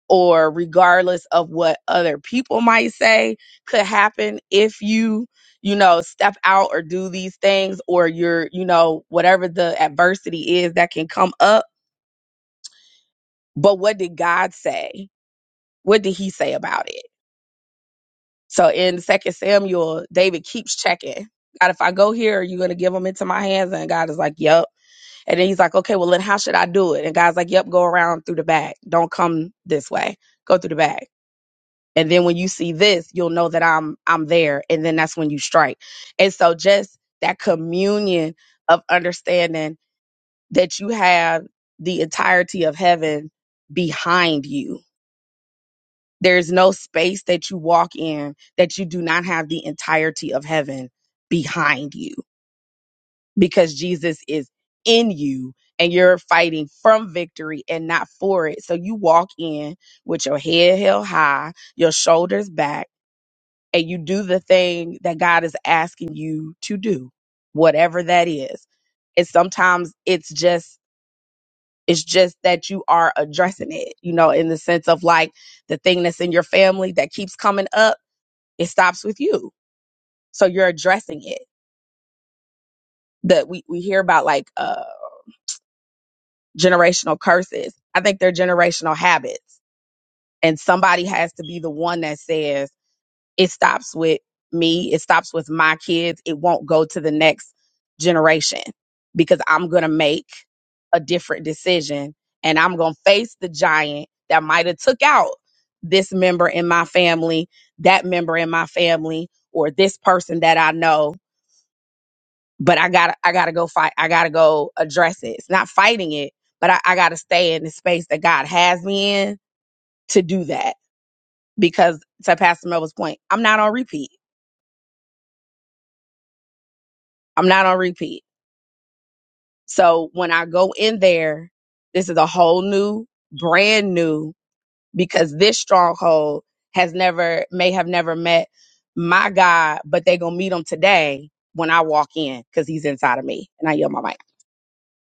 F: or regardless of what other people might say could happen if you, you know, step out or do these things, or you're, you know, whatever the adversity is that can come up. But what did God say? What did He say about it? So in Second Samuel, David keeps checking. God, if I go here, are you gonna give them into my hands? And God is like, Yep. And then he's like, Okay, well then how should I do it? And God's like, Yep, go around through the back. Don't come this way. Go through the back. And then when you see this, you'll know that I'm I'm there. And then that's when you strike. And so just that communion of understanding that you have the entirety of heaven behind you there's no space that you walk in that you do not have the entirety of heaven behind you because Jesus is in you and you're fighting from victory and not for it. So you walk in with your head held high, your shoulders back, and you do the thing that God is asking you to do, whatever that is. And sometimes it's just it's just that you are addressing it, you know, in the sense of like the thing that's in your family that keeps coming up it stops with you so you're addressing it that we, we hear about like uh generational curses i think they're generational habits and somebody has to be the one that says it stops with me it stops with my kids it won't go to the next generation because i'm going to make a different decision and i'm going to face the giant that might have took out this member in my family that member in my family or this person that i know but I gotta I gotta go fight. I gotta go address it. It's not fighting it, but I, I gotta stay in the space that God has me in to do that. Because to Pastor Melba's point, I'm not on repeat. I'm not on repeat. So when I go in there, this is a whole new, brand new, because this stronghold has never may have never met my God, but they gonna meet him today when I walk in because he's inside of me. And I yell my mic.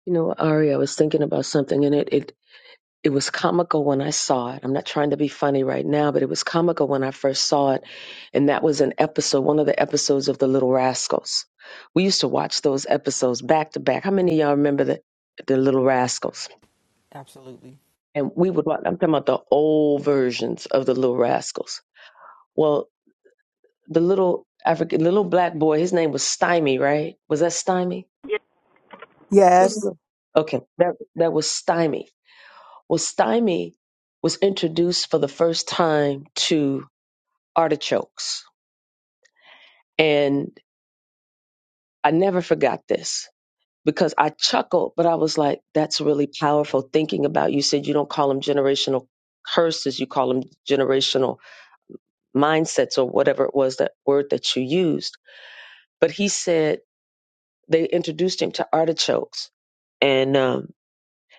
A: You know, Ari, I was thinking about something and it. it it was comical when I saw it. I'm not trying to be funny right now, but it was comical when I first saw it. And that was an episode, one of the episodes of The Little Rascals. We used to watch those episodes back to back. How many of y'all remember the, the Little Rascals?
G: Absolutely.
A: And we would watch, I'm talking about the old versions of The Little Rascals. Well, the little African, little black boy, his name was Stymie, right? Was that Stymie? Who's
D: Yes,
A: the- okay, that, that was Stymie. Well, Stymie was introduced for the first time to artichokes. And I never forgot this because I chuckled, but I was like, that's really powerful thinking about. You said you don't call them generational curses, you call them generational mindsets or whatever it was that word that you used. But he said they introduced him to artichokes. And um,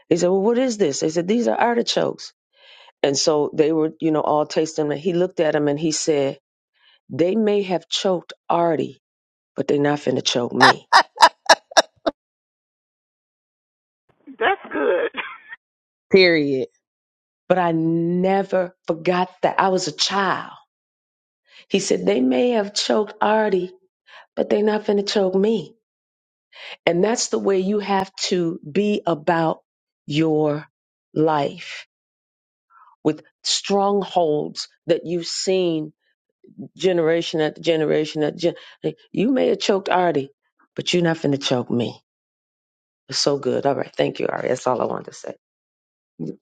A: he said, Well, what is this? They said, These are artichokes. And so they were, you know, all tasting them. And he looked at them and he said, They may have choked Artie, but they're not finna choke me.
F: Period.
A: but I never forgot that I was a child. He said, They may have choked Artie, but they're not going to choke me. And that's the way you have to be about your life with strongholds that you've seen generation after generation after gen- like, You may have choked Artie, but you're not going to choke me. It's so good. All right. Thank you, Artie. That's all I wanted to say.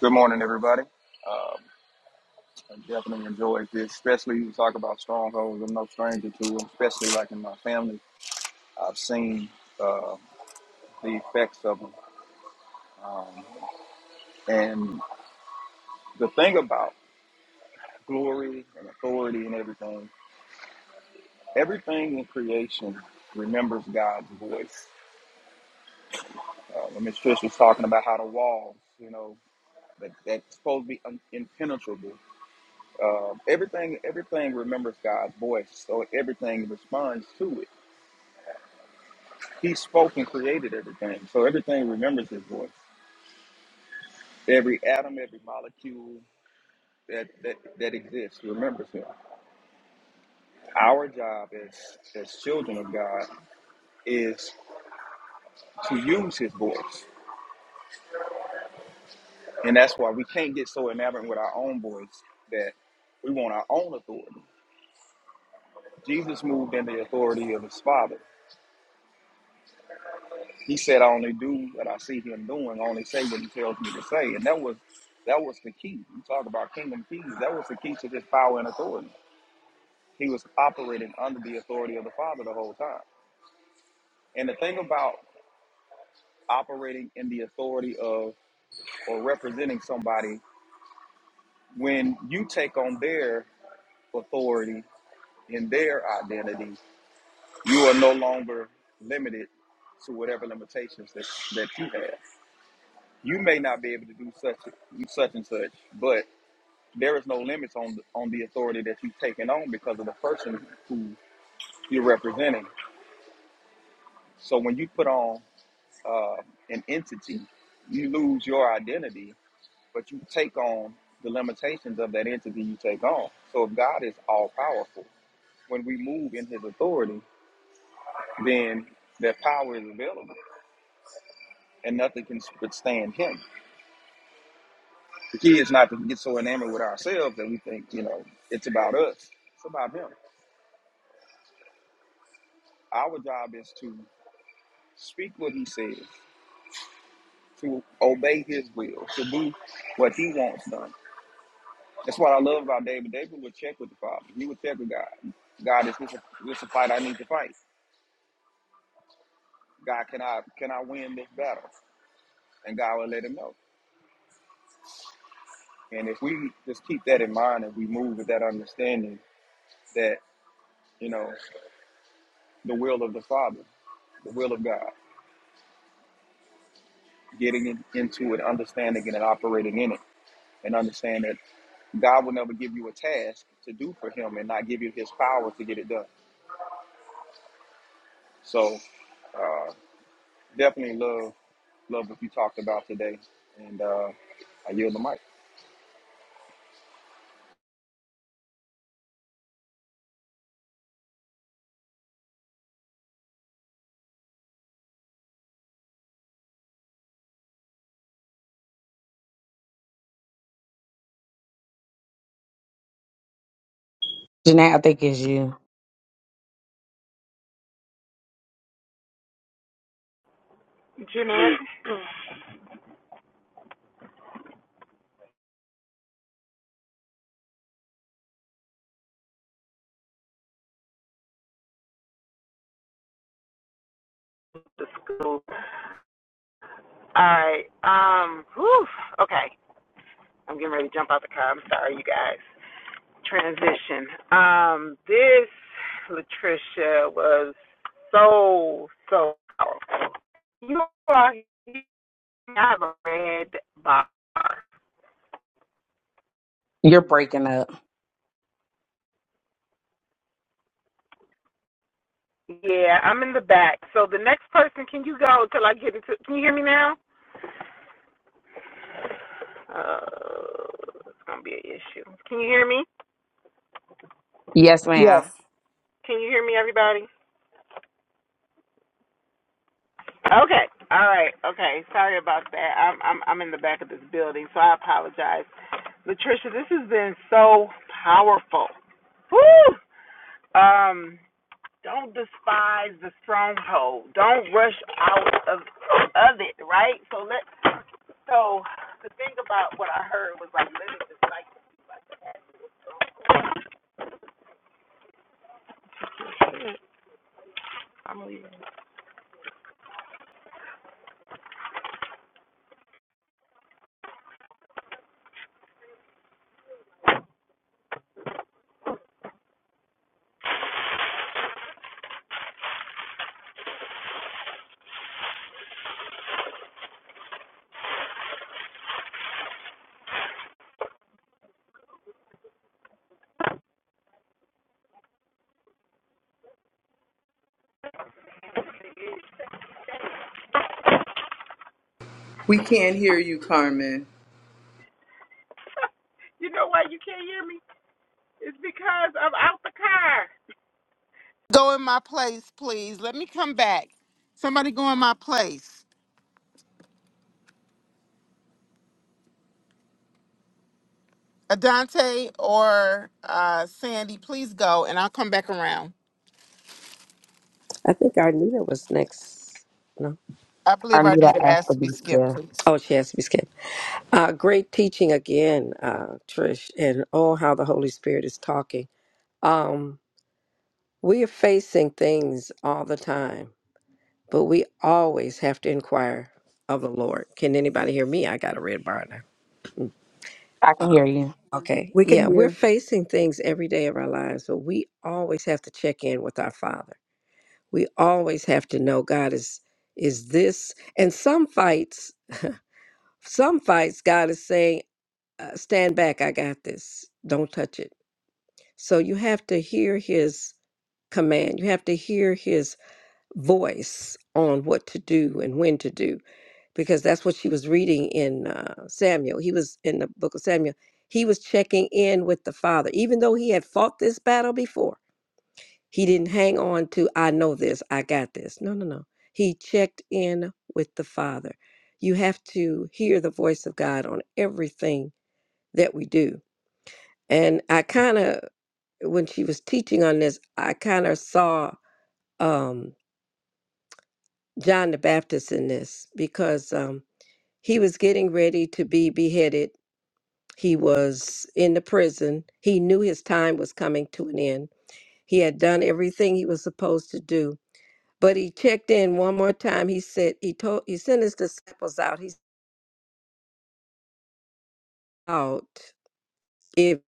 C: Good morning, everybody. Um, I definitely enjoyed this, especially you talk about strongholds. I'm no stranger to them, especially like in my family. I've seen uh, the effects of them. Um, and the thing about glory and authority and everything, everything in creation remembers God's voice. Uh, when Miss Trish was talking about how the walls, you know, that, that's supposed to be un- impenetrable. Um everything, everything remembers God's voice, so everything responds to it He spoke and created everything. So everything remembers his voice. Every atom, every molecule that, that, that exists remembers him. Our job as, as children of God is to use his voice. And that's why we can't get so enamored with our own voice that we want our own authority. Jesus moved in the authority of his Father. He said, I only do what I see him doing, I only say what he tells me to say. And that was that was the key. You talk about kingdom keys, that was the key to this power and authority. He was operating under the authority of the Father the whole time. And the thing about operating in the authority of or representing somebody, when you take on their authority in their identity, you are no longer limited to whatever limitations that, that you have. You may not be able to do such such and such, but there is no limits on the, on the authority that you've taken on because of the person who you're representing. So when you put on uh, an entity, you lose your identity, but you take on the limitations of that entity you take on. So if God is all powerful, when we move in his authority, then that power is available and nothing can withstand him. The key is not to get so enamored with ourselves that we think, you know, it's about us. It's about him. Our job is to speak what he says, to obey his will, to do what he wants done. That's what I love about David. David would check with the Father. He would check with God. God, is this a, this a fight I need to fight? God, can I can I win this battle? And God will let him know. And if we just keep that in mind and we move with that understanding that you know the will of the Father, the will of God, getting in, into it, understanding it, and operating in it, and understand that God will never give you a task to do for Him and not give you His power to get it done. So uh, definitely love Love what you talked about today, and uh, I yield the mic.
F: Janae, I think it's you. You're breaking up. Yes, ma'am.
D: yes,
E: We can't hear you, Carmen.
B: Go in my place, please. Let me come back. Somebody go in my place. Tay or uh, Sandy, please go, and I'll come back.
H: I think Arnita was next. No.
B: I
F: I
B: believe our
F: knew that
B: leader to
F: ass to
B: to
F: be
B: be skipped,
F: still.
B: please.
H: Oh, she has to be skipped. Uh, great teaching again, uh, Trish, and oh, how the Holy Spirit is talking. Um, we are facing things all the time, but we always have to inquire of the Lord. Can anybody hear me? I got a red bar now.
F: I can hear
H: Uh,
F: you.
H: okay.
D: we
H: Yeah,
D: can
H: we're
D: hear.
H: facing things every day of our lives, but we always have to check in with our Father. We always have to know God is is this and some fights Some fights, God is saying, uh, stand back, I got this. Don't touch it. So you have to hear his command. You have to hear his voice on what to do and when to do, because that's what she was reading in uh, Samuel. He was in the book of Samuel. He was checking in with the father, even though he had fought this battle before. He didn't hang on to, I know this, I got this. No, no, no. He checked in with the father. You have to hear the voice of God on everything that we do. And I kind of, when she was teaching on this, I kind of saw um, John the Baptist in this because um, he was getting ready to be beheaded. He was in the prison. He knew his time was coming to an end. He had done everything he was supposed to do, but he checked in one more time. He said he told he sent his disciples out. He said, out if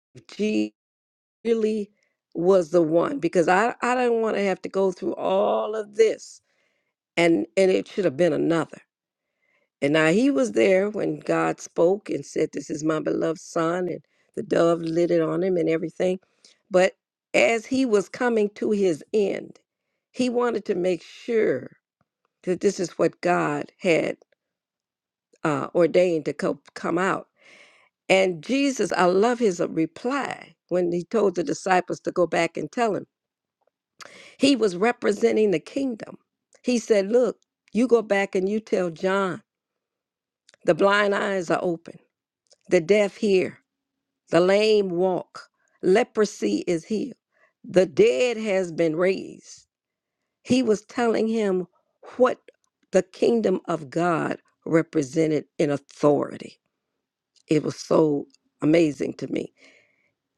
H: really was the one because I I didn't want to have to go through all of this and and it should have been another. And now he was there when God spoke and said, "This is my beloved son," and the dove lit it on him and everything. But as he was coming to his end, he wanted to make sure that this is what God had uh, ordained to co- come out. And Jesus, I love his uh, reply when he told the disciples to go back and tell him. He was representing the kingdom. He said, Look, you go back and you tell John, the blind eyes are open, the deaf hear, the lame walk, leprosy is healed, the dead has been raised. He was telling him what the kingdom of God represented in authority. It was so amazing to me.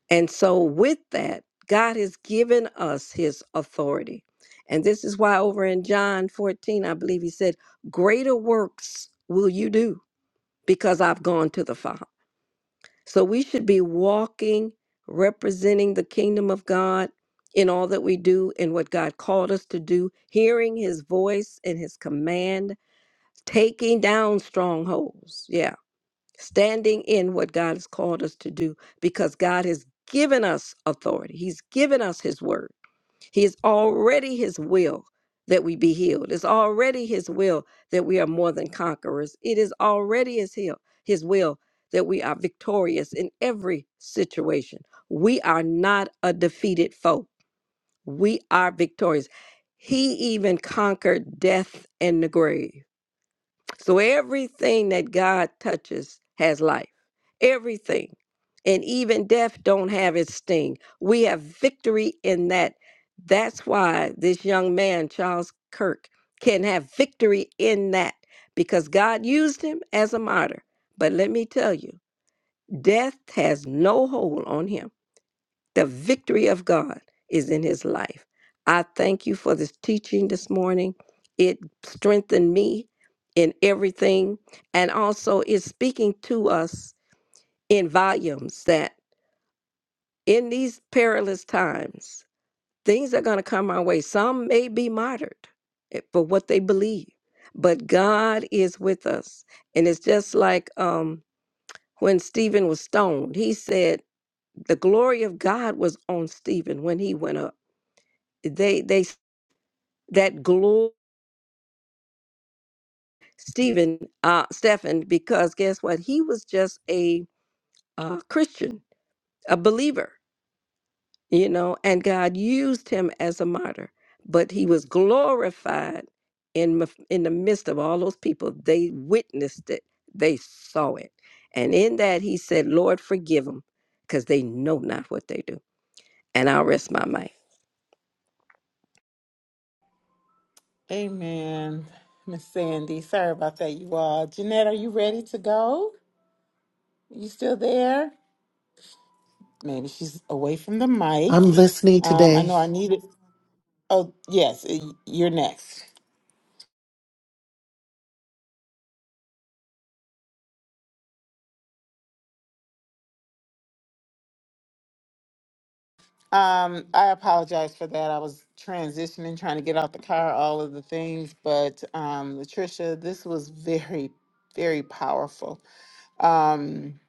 H: And so, with that, God has given us his authority. And this is why, over in John 14, I believe he said, Greater works will you do because I've gone to the Father. So, we should be walking, representing the kingdom of God in all that we do and what God called us to do, hearing his voice and his command, taking down strongholds. Yeah standing in what God has called us to do because God has given us authority. He's given us His word. He is already His will that we be healed. It's already His will that we are more than conquerors. It is already His will, His will that we are victorious in every situation. We are not a defeated foe. We are victorious. He even conquered death and the grave. So everything that God touches has life. Everything. And even death don't have its sting. We have victory in that. That's why this young man, Charles Kirk, can have victory in that because God used him as a martyr. But let me tell you, death has no hold on him. The victory of God is in his life. I thank you for this teaching this morning. It strengthened me in everything and also is speaking to us in volumes that in these perilous times, things are going to come our way. Some may be martyred eh, for what they believe, but God is with us. And it's just like um, when Stephen was stoned, he said, The glory of God was on Stephen when he went up they they that glory Stephen uh Stephen because guess what he was just a uh, Christian a believer you know and God used him as a martyr but he was glorified in mif- in the midst of all those people they witnessed it they saw it and in that he said Lord forgive them because they know not what they do and I'll rest my mind.
B: Amen. Miss Sandy, sorry about that, you all. Jeanette, are you ready to go? You still there? Maybe she's away from the
I: I'm
B: mic.
I: listening
B: Um, I
I: today.
B: know I needed. Oh, yes, y- you're next. Um, I apologize for that. I was transitioning, trying to get out the car, all of the things. But um, Latricia, this was very, very powerful. Um,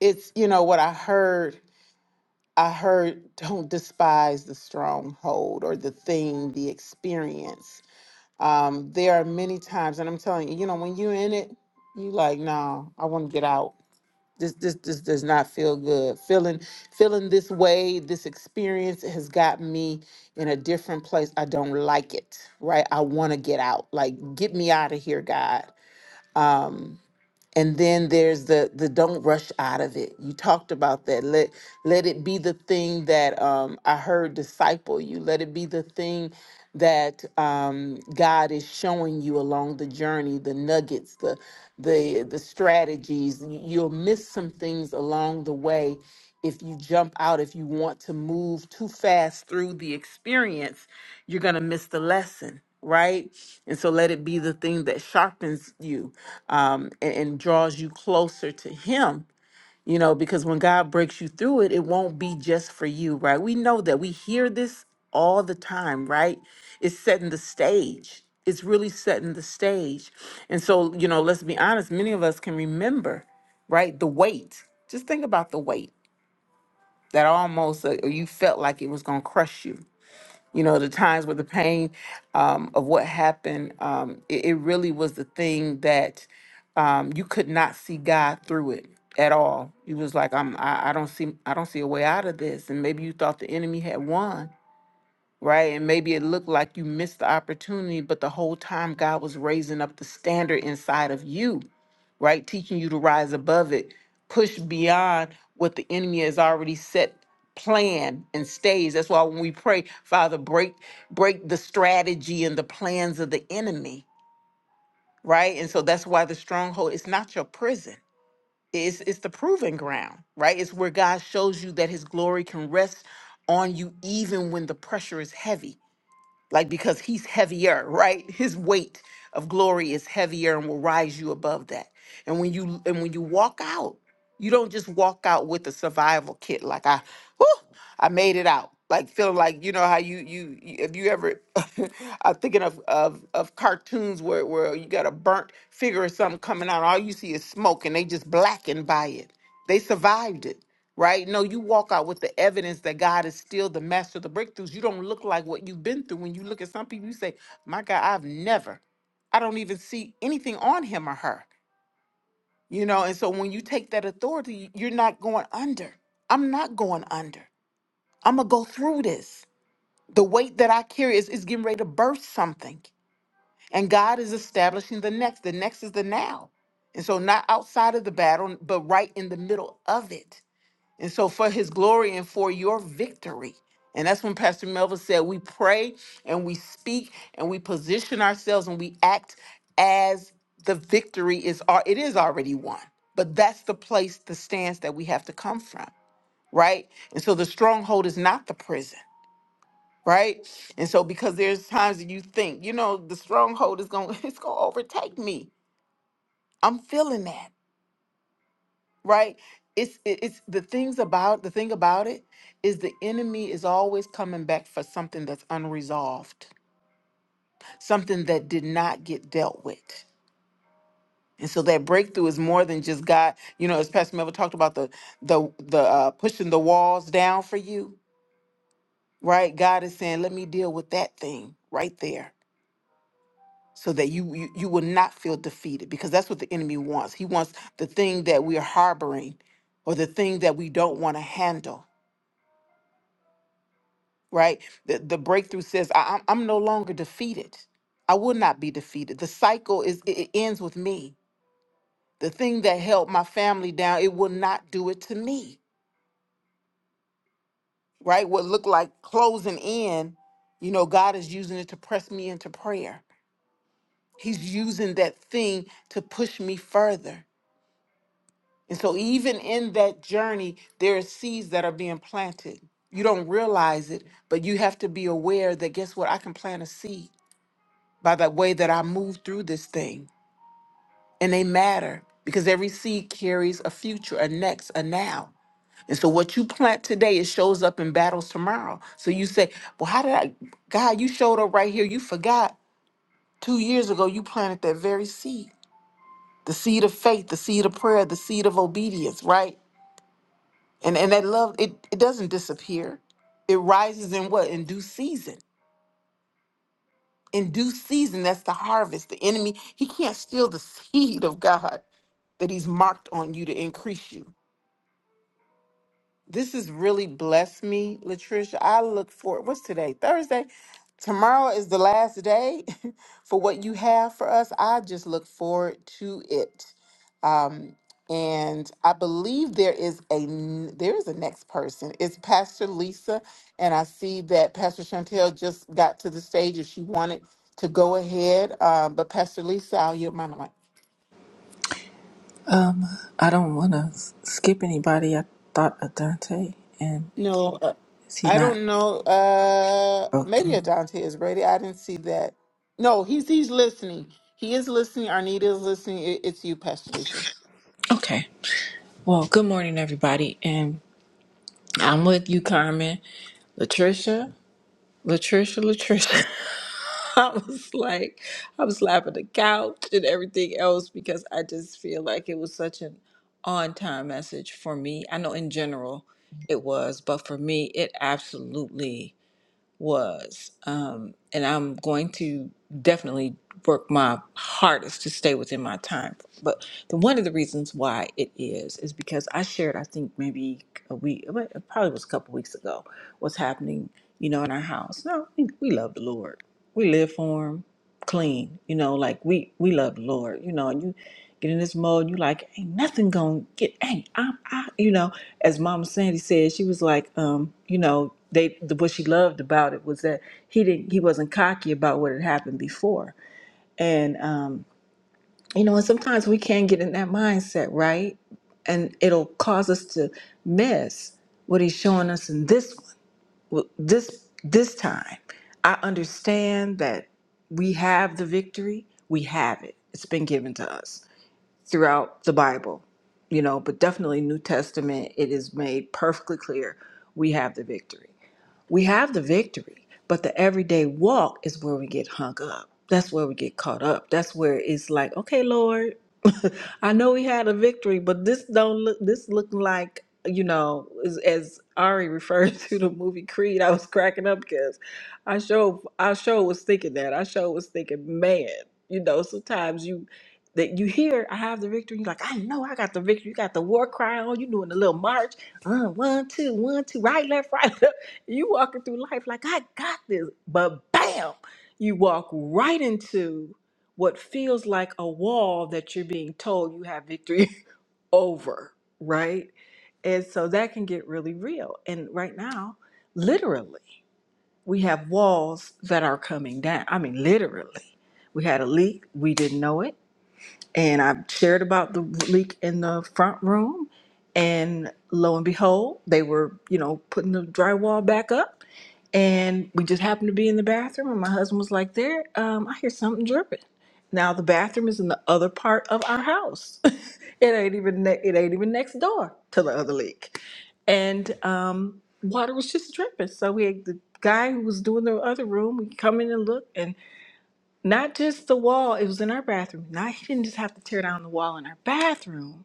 B: it's you know what I heard. I heard don't despise the stronghold or the thing, the experience. Um, there are many times, and I'm telling you, you know, when you're in it, you like, no, I want to get out. This this this does not feel good. Feeling feeling this way, this experience has got me in a different place. I don't like it. Right? I want to get out. Like get me out of here, God. Um and then there's the the don't rush out of it. You talked about that. Let let it be the thing that um I heard disciple you. Let it be the thing that um God is showing you along the journey, the nuggets, the the to him you know, because when God breaks you through it, it won't be just for you, right? We know that we hear this all the time, right? It's setting the stage. It's really setting the stage. And so, you know, let's be honest, many of us can remember, right? The weight. Just think about the weight that almost uh, you felt like it was going to crush you you know the times where the pain um, of what happened um, it, it really was the thing that um, you could not see god through it at all he was like i'm I, I don't see i don't see a way out of this and maybe you thought the enemy had won right and maybe it looked like you missed the opportunity but the whole time god was raising up the standard inside of you right? Teaching you to rise above it, push beyond what the enemy has already set plan and stage. That's why when we pray, Father, break break the strategy and the plans of the enemy, right? And so that's why the stronghold is not your prison. It's it's the proving ground, right? It's where God shows you that his glory can rest on you even when the pressure is heavy like because he's heavier, right? His weight of glory is heavier and will rise you above that. And when you and when you walk out, you don't just walk out with a survival kit like I, whew, I made it out. Like feeling like you know how you you you- if you ever (laughs) I'm thinking of of of cartoons where where you got a burnt figure or something coming out, all you see is smoke and they just blackened by it. They survived it right? No, you walk out with the evidence that God is still the master of the breakthroughs. You don't look like what you've been through. When you look at some people, you say, My God, I've never, I don't even see anything on him or her, you know? And so when you take that authority, you're not going under. I'm not going under. I'm going to go through this. The weight that I carry is, is getting ready to burst something. And God is establishing the next. The next is the now. And so, not outside of the battle, but right in the middle of it. And so for his glory and for your victory. And that's when Pastor Melvin said, we pray and we speak and we position ourselves and we act as the victory is al- it is already won. But that's the place, the stance that we have to come from, right? And so the stronghold is not the prison, right? And so because there's times that you think, you know, the stronghold is gonna (laughs) it's gonna overtake me. I'm feeling that. right it's it- it's the things about the thing about it is the enemy is always coming back for something that's unresolved something that did not get dealt with and so that breakthrough is more than just god you know as pastor melvin talked about the the the uh, pushing the walls down for you right god is saying let me deal with that thing right there so that you, you you will not feel defeated because that's what the enemy wants he wants the thing that we're harboring or the thing that we don't want to handle right? The, the breakthrough says, I, I'm, I'm no longer defeated. I will not be defeated. The cycle is it, it ends with me. The thing that held my family down, it will not do it to me, right? What looked like closing in, you know, God is using it to press me into prayer. He's using that thing to push me further. And so, even in that journey, there are seeds that are being planted. You don't realize it, but you have to be aware that guess what? I can plant a seed by the way that I move through this thing. And they matter because every seed carries a future, a next, a now. And so what you plant today, it shows up in battles tomorrow. So you say, Well, how did I, God, you showed up right here. You forgot two years ago you planted that very seed. The seed of faith, the seed of prayer, the seed of obedience, right? And and that love, it, it doesn't disappear. It rises in what? In due season. in due season that's the harvest the enemy he can't steal the seed of god that he's marked on you to increase you this has really blessed me, Latricia. I look forward. What's today? Thursday. Tomorrow is the last day (laughs) for what you have for us. I just look forward to it. Um, and I believe there is a n- there is a next person. It's Pastor Lisa, and I see that Pastor Chantel just got to the stage if she wanted to go ahead. Um, but Pastor Lisa, I'll yield my mic.
G: Um, I don't want to skip anybody. I thought of Dante, and
B: No, uh,
G: is he
B: I
G: not?
B: don't know. Uh, maybe
G: Okay.
B: Adante is ready. I didn't see that. No, he's he's listening. He is listening. Arnita is listening. It, it's you, Pastor Lisa.
G: Okay. Well, good morning, everybody, and I'm with you, Carmen, Latricia, Latricia, Latricia. (laughs) I was like, I was laughing the couch and everything else because I just feel like it was such an on-time message for me. I know in general it was, but for me, it absolutely. was. Um, and I'm going to definitely work my hardest to stay within my time. But the, one of the reasons why it is is because I shared, I think maybe a week, but it probably was a couple weeks ago, what's happening, you know, in our house. No, we, we love the Lord. We live for Him clean. You know, like we we love the Lord. You know, and you get in this mode, you like ain't nothing gonna get ain't i I you know. As Mama Sandy said, she was like, um, you know, they the what she loved about it was that he didn't he wasn't cocky about what had happened before, and um, you know, and sometimes we can get in that mindset, right? And it'll cause us to miss what he's showing us in this well, this this time, I understand that we have the victory. We have it. It's been given to us throughout the Bible, you know, but definitely New Testament. It is made perfectly clear we have the victory. We have the victory, but the everyday walk is where we get hung up. That's where we get caught up. That's where it's like, okay, Lord, (laughs) I know we had a victory, but this don't look this looking like you know as, as Ari referred (laughs) to the movie Creed. I was cracking up because I show I sure was thinking that I sure was thinking, man, you know, sometimes you that you hear I have the victory. You're like, I know I got the victory. You got the war cry on. You doing the little march, uh, one two, one two, right left, right. (laughs) You walking through life like I got this, but bam, you walk right into what feels like a wall that you're being told you have victory (laughs) over, right? And so that can get really real. And right now, literally, we have walls that are coming down. I mean, literally. We had a leak, we didn't know it. And I shared about the leak in the front room. And lo and behold, they were, you know, putting the drywall back up and we just happened to be in the bathroom and my husband was like there um, i hear something dripping now the bathroom is in the other part of our house (laughs) it ain't even ne- it ain't even next door to the other leak and um, water was just dripping so we had the guy who was doing the other room we come in and look and not just the wall it was in our bathroom now he didn't just have to tear down the wall in our bathroom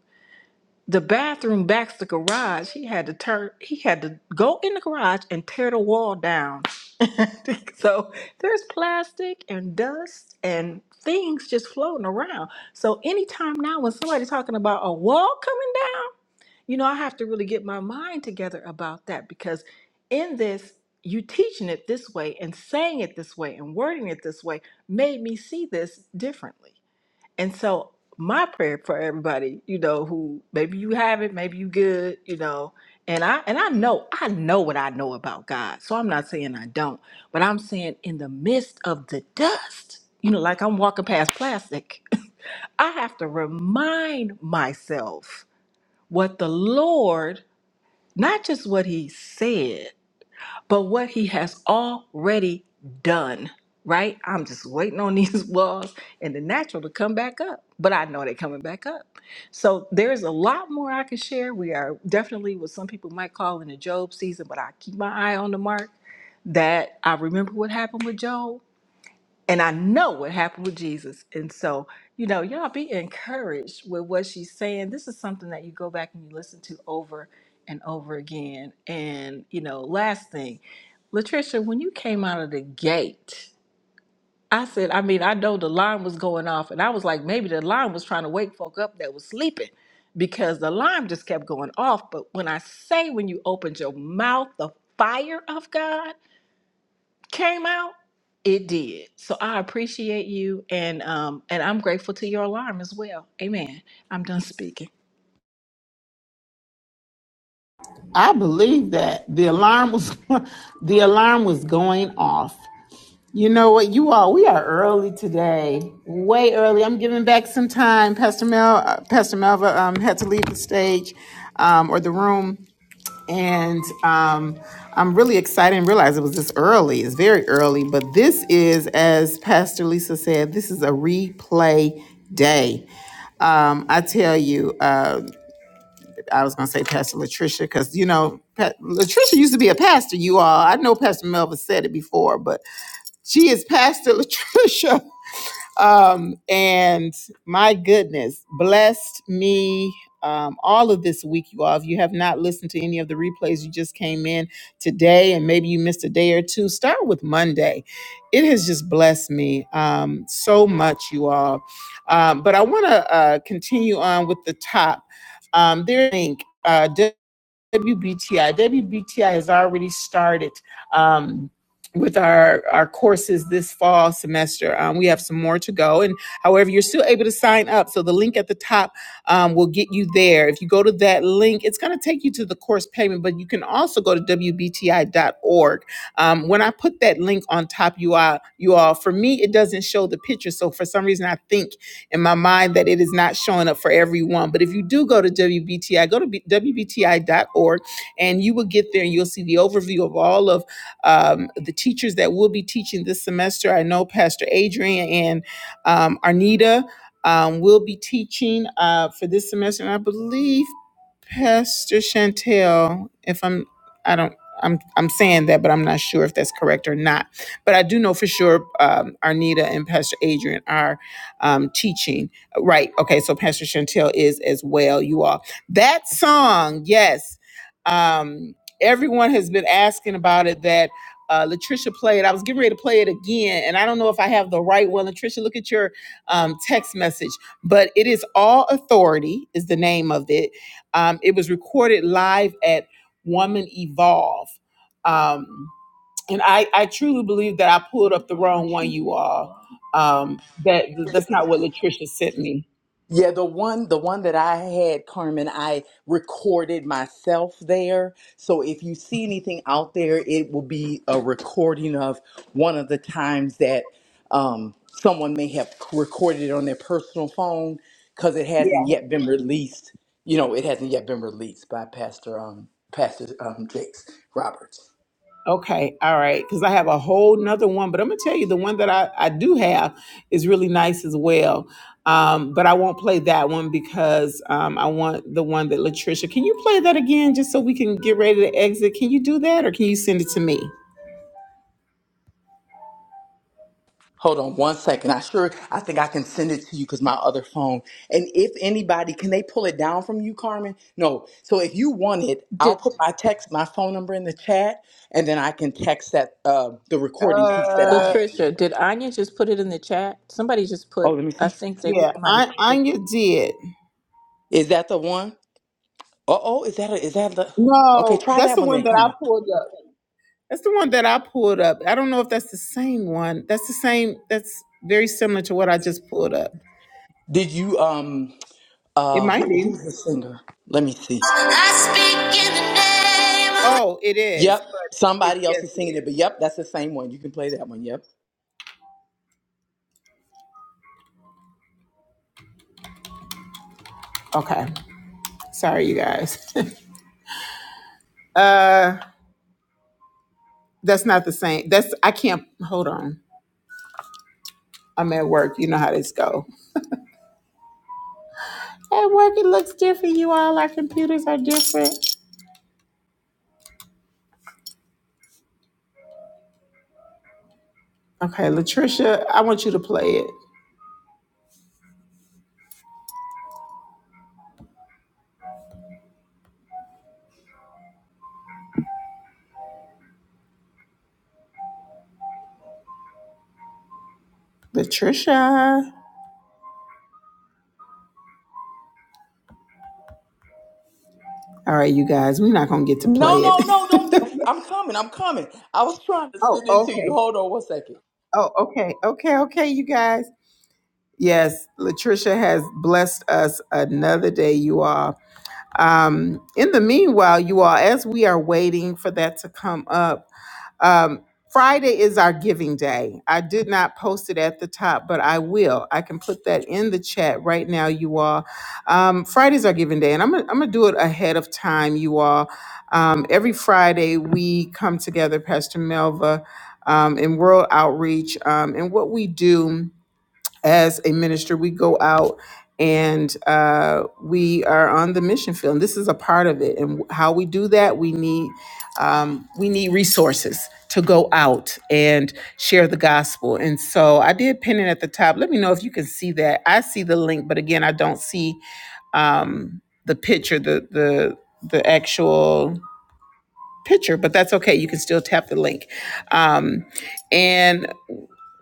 G: the bathroom backs the garage. He had to turn. He had to go in the garage and tear the wall down. (laughs) so there's plastic and dust and things just floating around. So anytime now, when somebody's talking about a wall coming down, you know I have to really get my mind together about that because in this. You teaching it this way and saying it this way and wording it this way made me see this differently. And so my prayer for everybody, you know, who maybe you have it, maybe you good, you know, and I and I know I know what I know about God. So I'm not saying I don't, but I'm saying in the midst of the dust, you know, like I'm walking past plastic, (laughs) I have to remind myself what the Lord, not just what he said, but what he has already done, right? I'm just waiting on these (laughs) walls and the natural to come back up, but I know they're coming back up. So there's a lot more I can share. We are definitely what some people might call in the Job season, but I keep my eye on the mark that I remember what happened with Job and I know what happened with Jesus. And so, you know, y'all be encouraged with what she's saying. This is something that you go back and you listen to over and over again. And, you know, last thing, Latricia, when you came out of the gate, I said, I mean, I know the line was going off, and I was like, maybe the line was trying to wake folk up that was sleeping because the line just kept going off. But when I say when you opened your mouth, the fire of God, came out, it did. So I appreciate you, and um, and I'm grateful to your alarm as well. Amen. I'm done speaking.
B: I believe that the alarm was (laughs) the alarm was going off. You know what, you all, we are early today, way early. I'm giving back some time. Pastor Mel, uh, Pastor Melva um, had to leave the stage um, or the room, and um, I'm really excited and realized it was this early. It's very early, but this is, as Pastor Lisa said, this is a replay day. Um, I tell you, uh, I was going to say Pastor Latricia because you know pa- Latricia used to be a pastor. You all, I know Pastor Melva said it before, but she is Pastor Latricia. (laughs) Um, and my goodness, blessed me um, all of this week, you all. If you have not listened to any of the replays, you just came in today and maybe you missed a day or two, start with Monday. It has just blessed me um, so much, you all. Um, but I want to uh, continue on with the top. Um, there, link. uh, WBTI. WBTI has already started um, with our, our courses this fall semester. Um, we have some more to go. And however, you're still able to sign up. So the link at the top um, will get you there. If you go to that link, it's going to take you to the course payment, but you can also go to WBTI.org. Um, when I put that link on top, you, all, you all, for me, it doesn't show the picture. So for some reason, I think in my mind that it is not showing up for everyone. But if you do go to WBTI, go to wbti dot org, and you will get there and you'll see the overview of all of um, the teachers that will be teaching this semester. I know Pastor Adrian and um, Arnita um, will be teaching uh, for this semester. And I believe Pastor Chantel, if I'm, I don't. I'm I'm saying that, but I'm not sure if that's correct or not. But I do know for sure um, Arnita and Pastor Adrian are um, teaching. Right. Okay. So Pastor Chantel is as well. You all. That song, yes. Um, everyone has been asking about it. That uh, Latricia played. I was getting ready to play it again, and I don't know if I have the right one. Latricia, look at your um, text message. But it is All Authority is the name of it. Um, it was recorded live at Woman Evolve. Um, and I, I truly believe that I pulled up the wrong one, you all. Um, that that's not what Latricia sent me.
E: Yeah, the one the one that I had, Carmen, I recorded myself there. So if you see anything out there, it will be a recording of one of the times that um, someone may have recorded it on their personal phone because it hasn't yet been released. You know, it hasn't yet been released by Pastor um, Pastor um, Jakes Roberts.
B: Okay, all right, because I have a whole nother one, but I'm gonna tell you the one that I, I do have is really nice as well. Um, but I won't play that one because um, I want the one that Latricia. Can you play that again just so we can get ready to exit? Can you do that or can you send it to me?
E: Hold on one second. I sure I think I can send it to you because my other phone. And if anybody, can they pull it down from you, Carmen? No. So if you want it, I'll
G: Did
E: put my text, my phone number in the chat, and then I can text that uh, the recording piece that I
B: Uh,
E: have.
G: Latricia, did Anya just put it in the chat? Somebody just
E: Oh,
G: put,
E: let me
G: I
E: see.
G: think they
B: yeah,
G: might have.
B: I,
G: put.
B: Anya did.
E: Is that the one? Uh oh, is that a, is that the? Okay,
B: No,
E: try
B: that's
E: that
B: the
E: one
B: one
E: then,
B: that I
E: Carmen.
B: pulled up. That's the one that I pulled up. I don't know if that's the same one. That's the same. That's very similar to what I just pulled up.
E: Did you um
B: It
E: uh
B: might
E: who
B: be.
E: who's the singer? Let me see.
B: I speak in the name of- Oh, it
E: Yep,
B: is. But it's
E: somebody else
B: yes,
E: is
B: it
E: singing it,
B: is.
E: but yep, that's the same one. You can play that one. Yep.
B: Okay. Sorry, you guys. (laughs) Uh, that's not the same. That's I can't. Hold on. I'm at work. You know how this go. At work, it looks different. You all, our computers are different. Okay, Latricia, I want you to play it. Latricia. All right, you guys, we're not gonna get to
E: No,
B: play
E: no, no,
B: it. (laughs)
E: don't do I'm coming, I'm coming. I was trying to
B: Oh,
E: send it to you.
B: okay.
E: Hold on one second.
B: Oh, okay. Okay. Okay, you guys. Yes, Latricia has blessed us another day, you all. Um, in the meanwhile, you all, as we are waiting for that to come up, um, Friday is our giving day. I did not post it at the top, but I will. I can put that in the chat right now, you all. Um, Friday's our giving day, and I'm gonna, I'm gonna do it ahead of time, you all. Um, every Friday, we come together, Pastor Melva, um, in World Outreach, um, and what we do as a minister, we go out and uh, we are on the mission field. And this is a part of it. And how we do that, we need um, we need resources to go out and share the gospel. And so I did pin it at the top. Let me know if you can see that. I see the link, but again, I don't see um, the picture, the the the actual picture. But that's okay. You can still tap the link. Um, and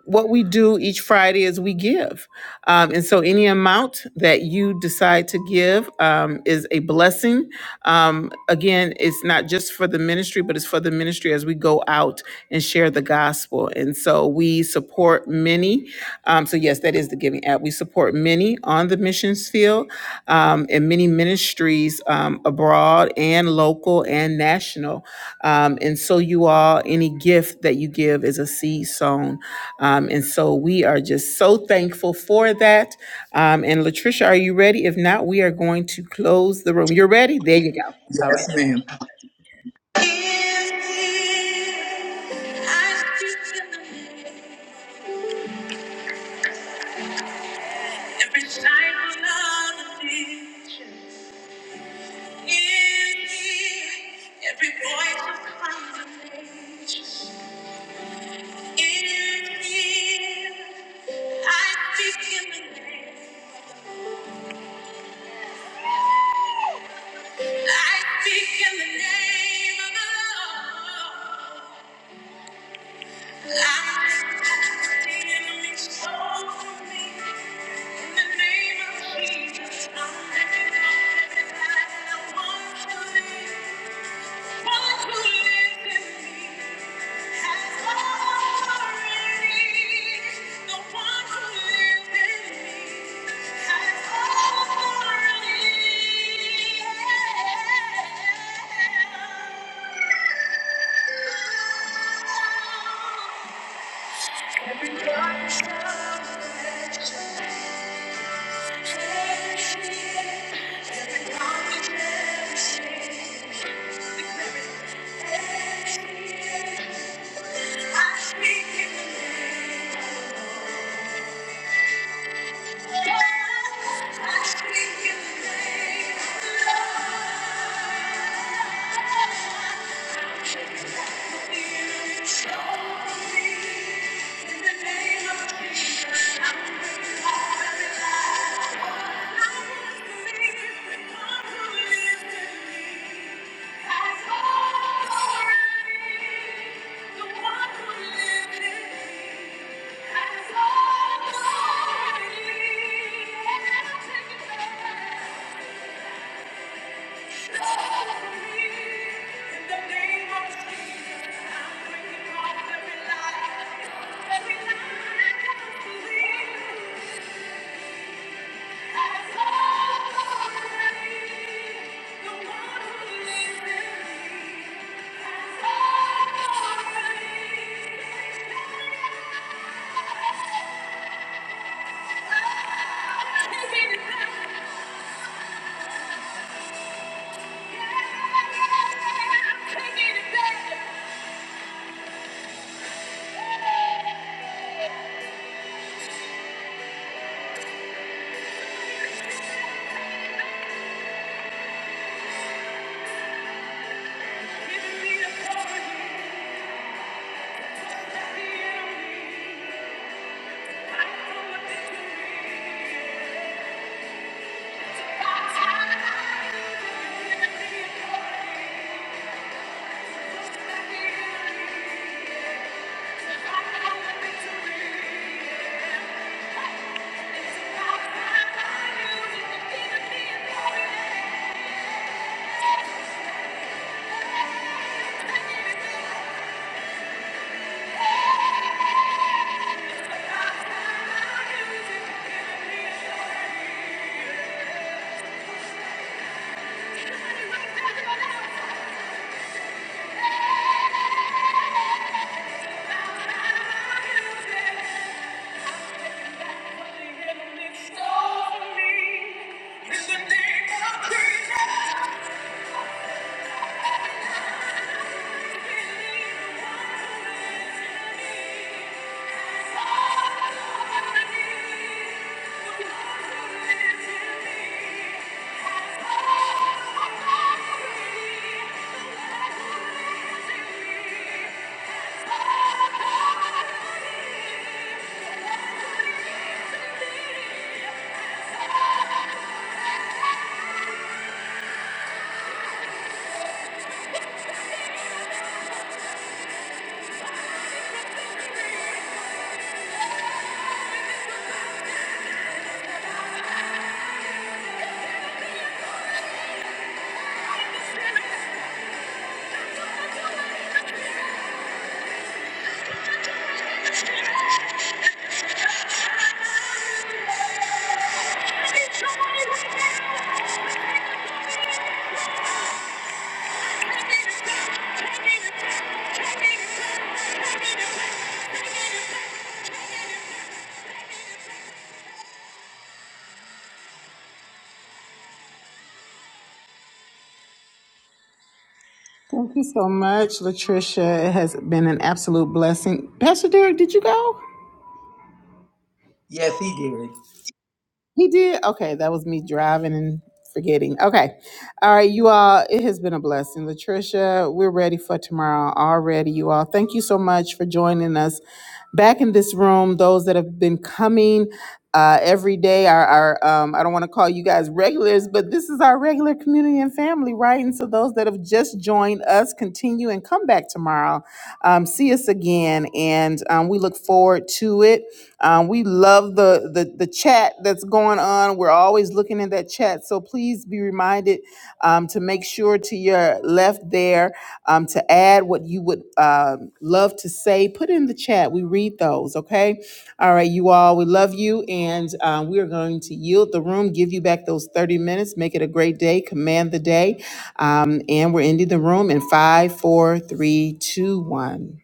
B: what we do each Friday is we give. Um, and so any amount that you decide to give um, is a blessing. Um, again, it's not just for the ministry, but it's for the ministry as we go out and share the gospel. And so we support many. Um, so, yes, that is the Giving app. We support many on the missions field um, and many ministries um, abroad and local and national. Um, and so, you all, any gift that you give is a seed sown um, and so we are just so thankful for that. Um, and Latricia, are you ready? If not, we are going to close the room. You're ready? There you go. All right.
E: Yes, ma'am. Every sign of confusion, in me, every voice of condemnation, in me, I speak in the name, I speak in the name of the Lord. Yeah in the name of Jesus. Thank you. I every Thank you. Thank you. It's Thank you.
B: Thank you so much, Latricia. It has been an absolute blessing. Pastor Derek, did you go?
E: Yes, he did.
B: He did? Okay, that was me driving and forgetting. Okay. All right, you all, it has been a blessing. Latricia, we're ready for tomorrow already, you all. Thank you so much for joining us back in this room. Those that have been coming uh, every day are, are um, I don't want to call you guys regulars, but this is our regular community and family, right? And so those that have just joined us, continue and come back tomorrow. Um, see us again, and um, we look forward to it. Um, we love the, the the chat that's going on. We're always looking in that chat, so please be reminded um, to make sure to your left there um, to add what you would um love to say. Put it in the chat. We read those. Okay. All right, you all. We love you, and um, we are going to yield the room. Give you back those thirty minutes. Make it a great day. Command the day, um, and we're ending the room in five, four, three, two, one.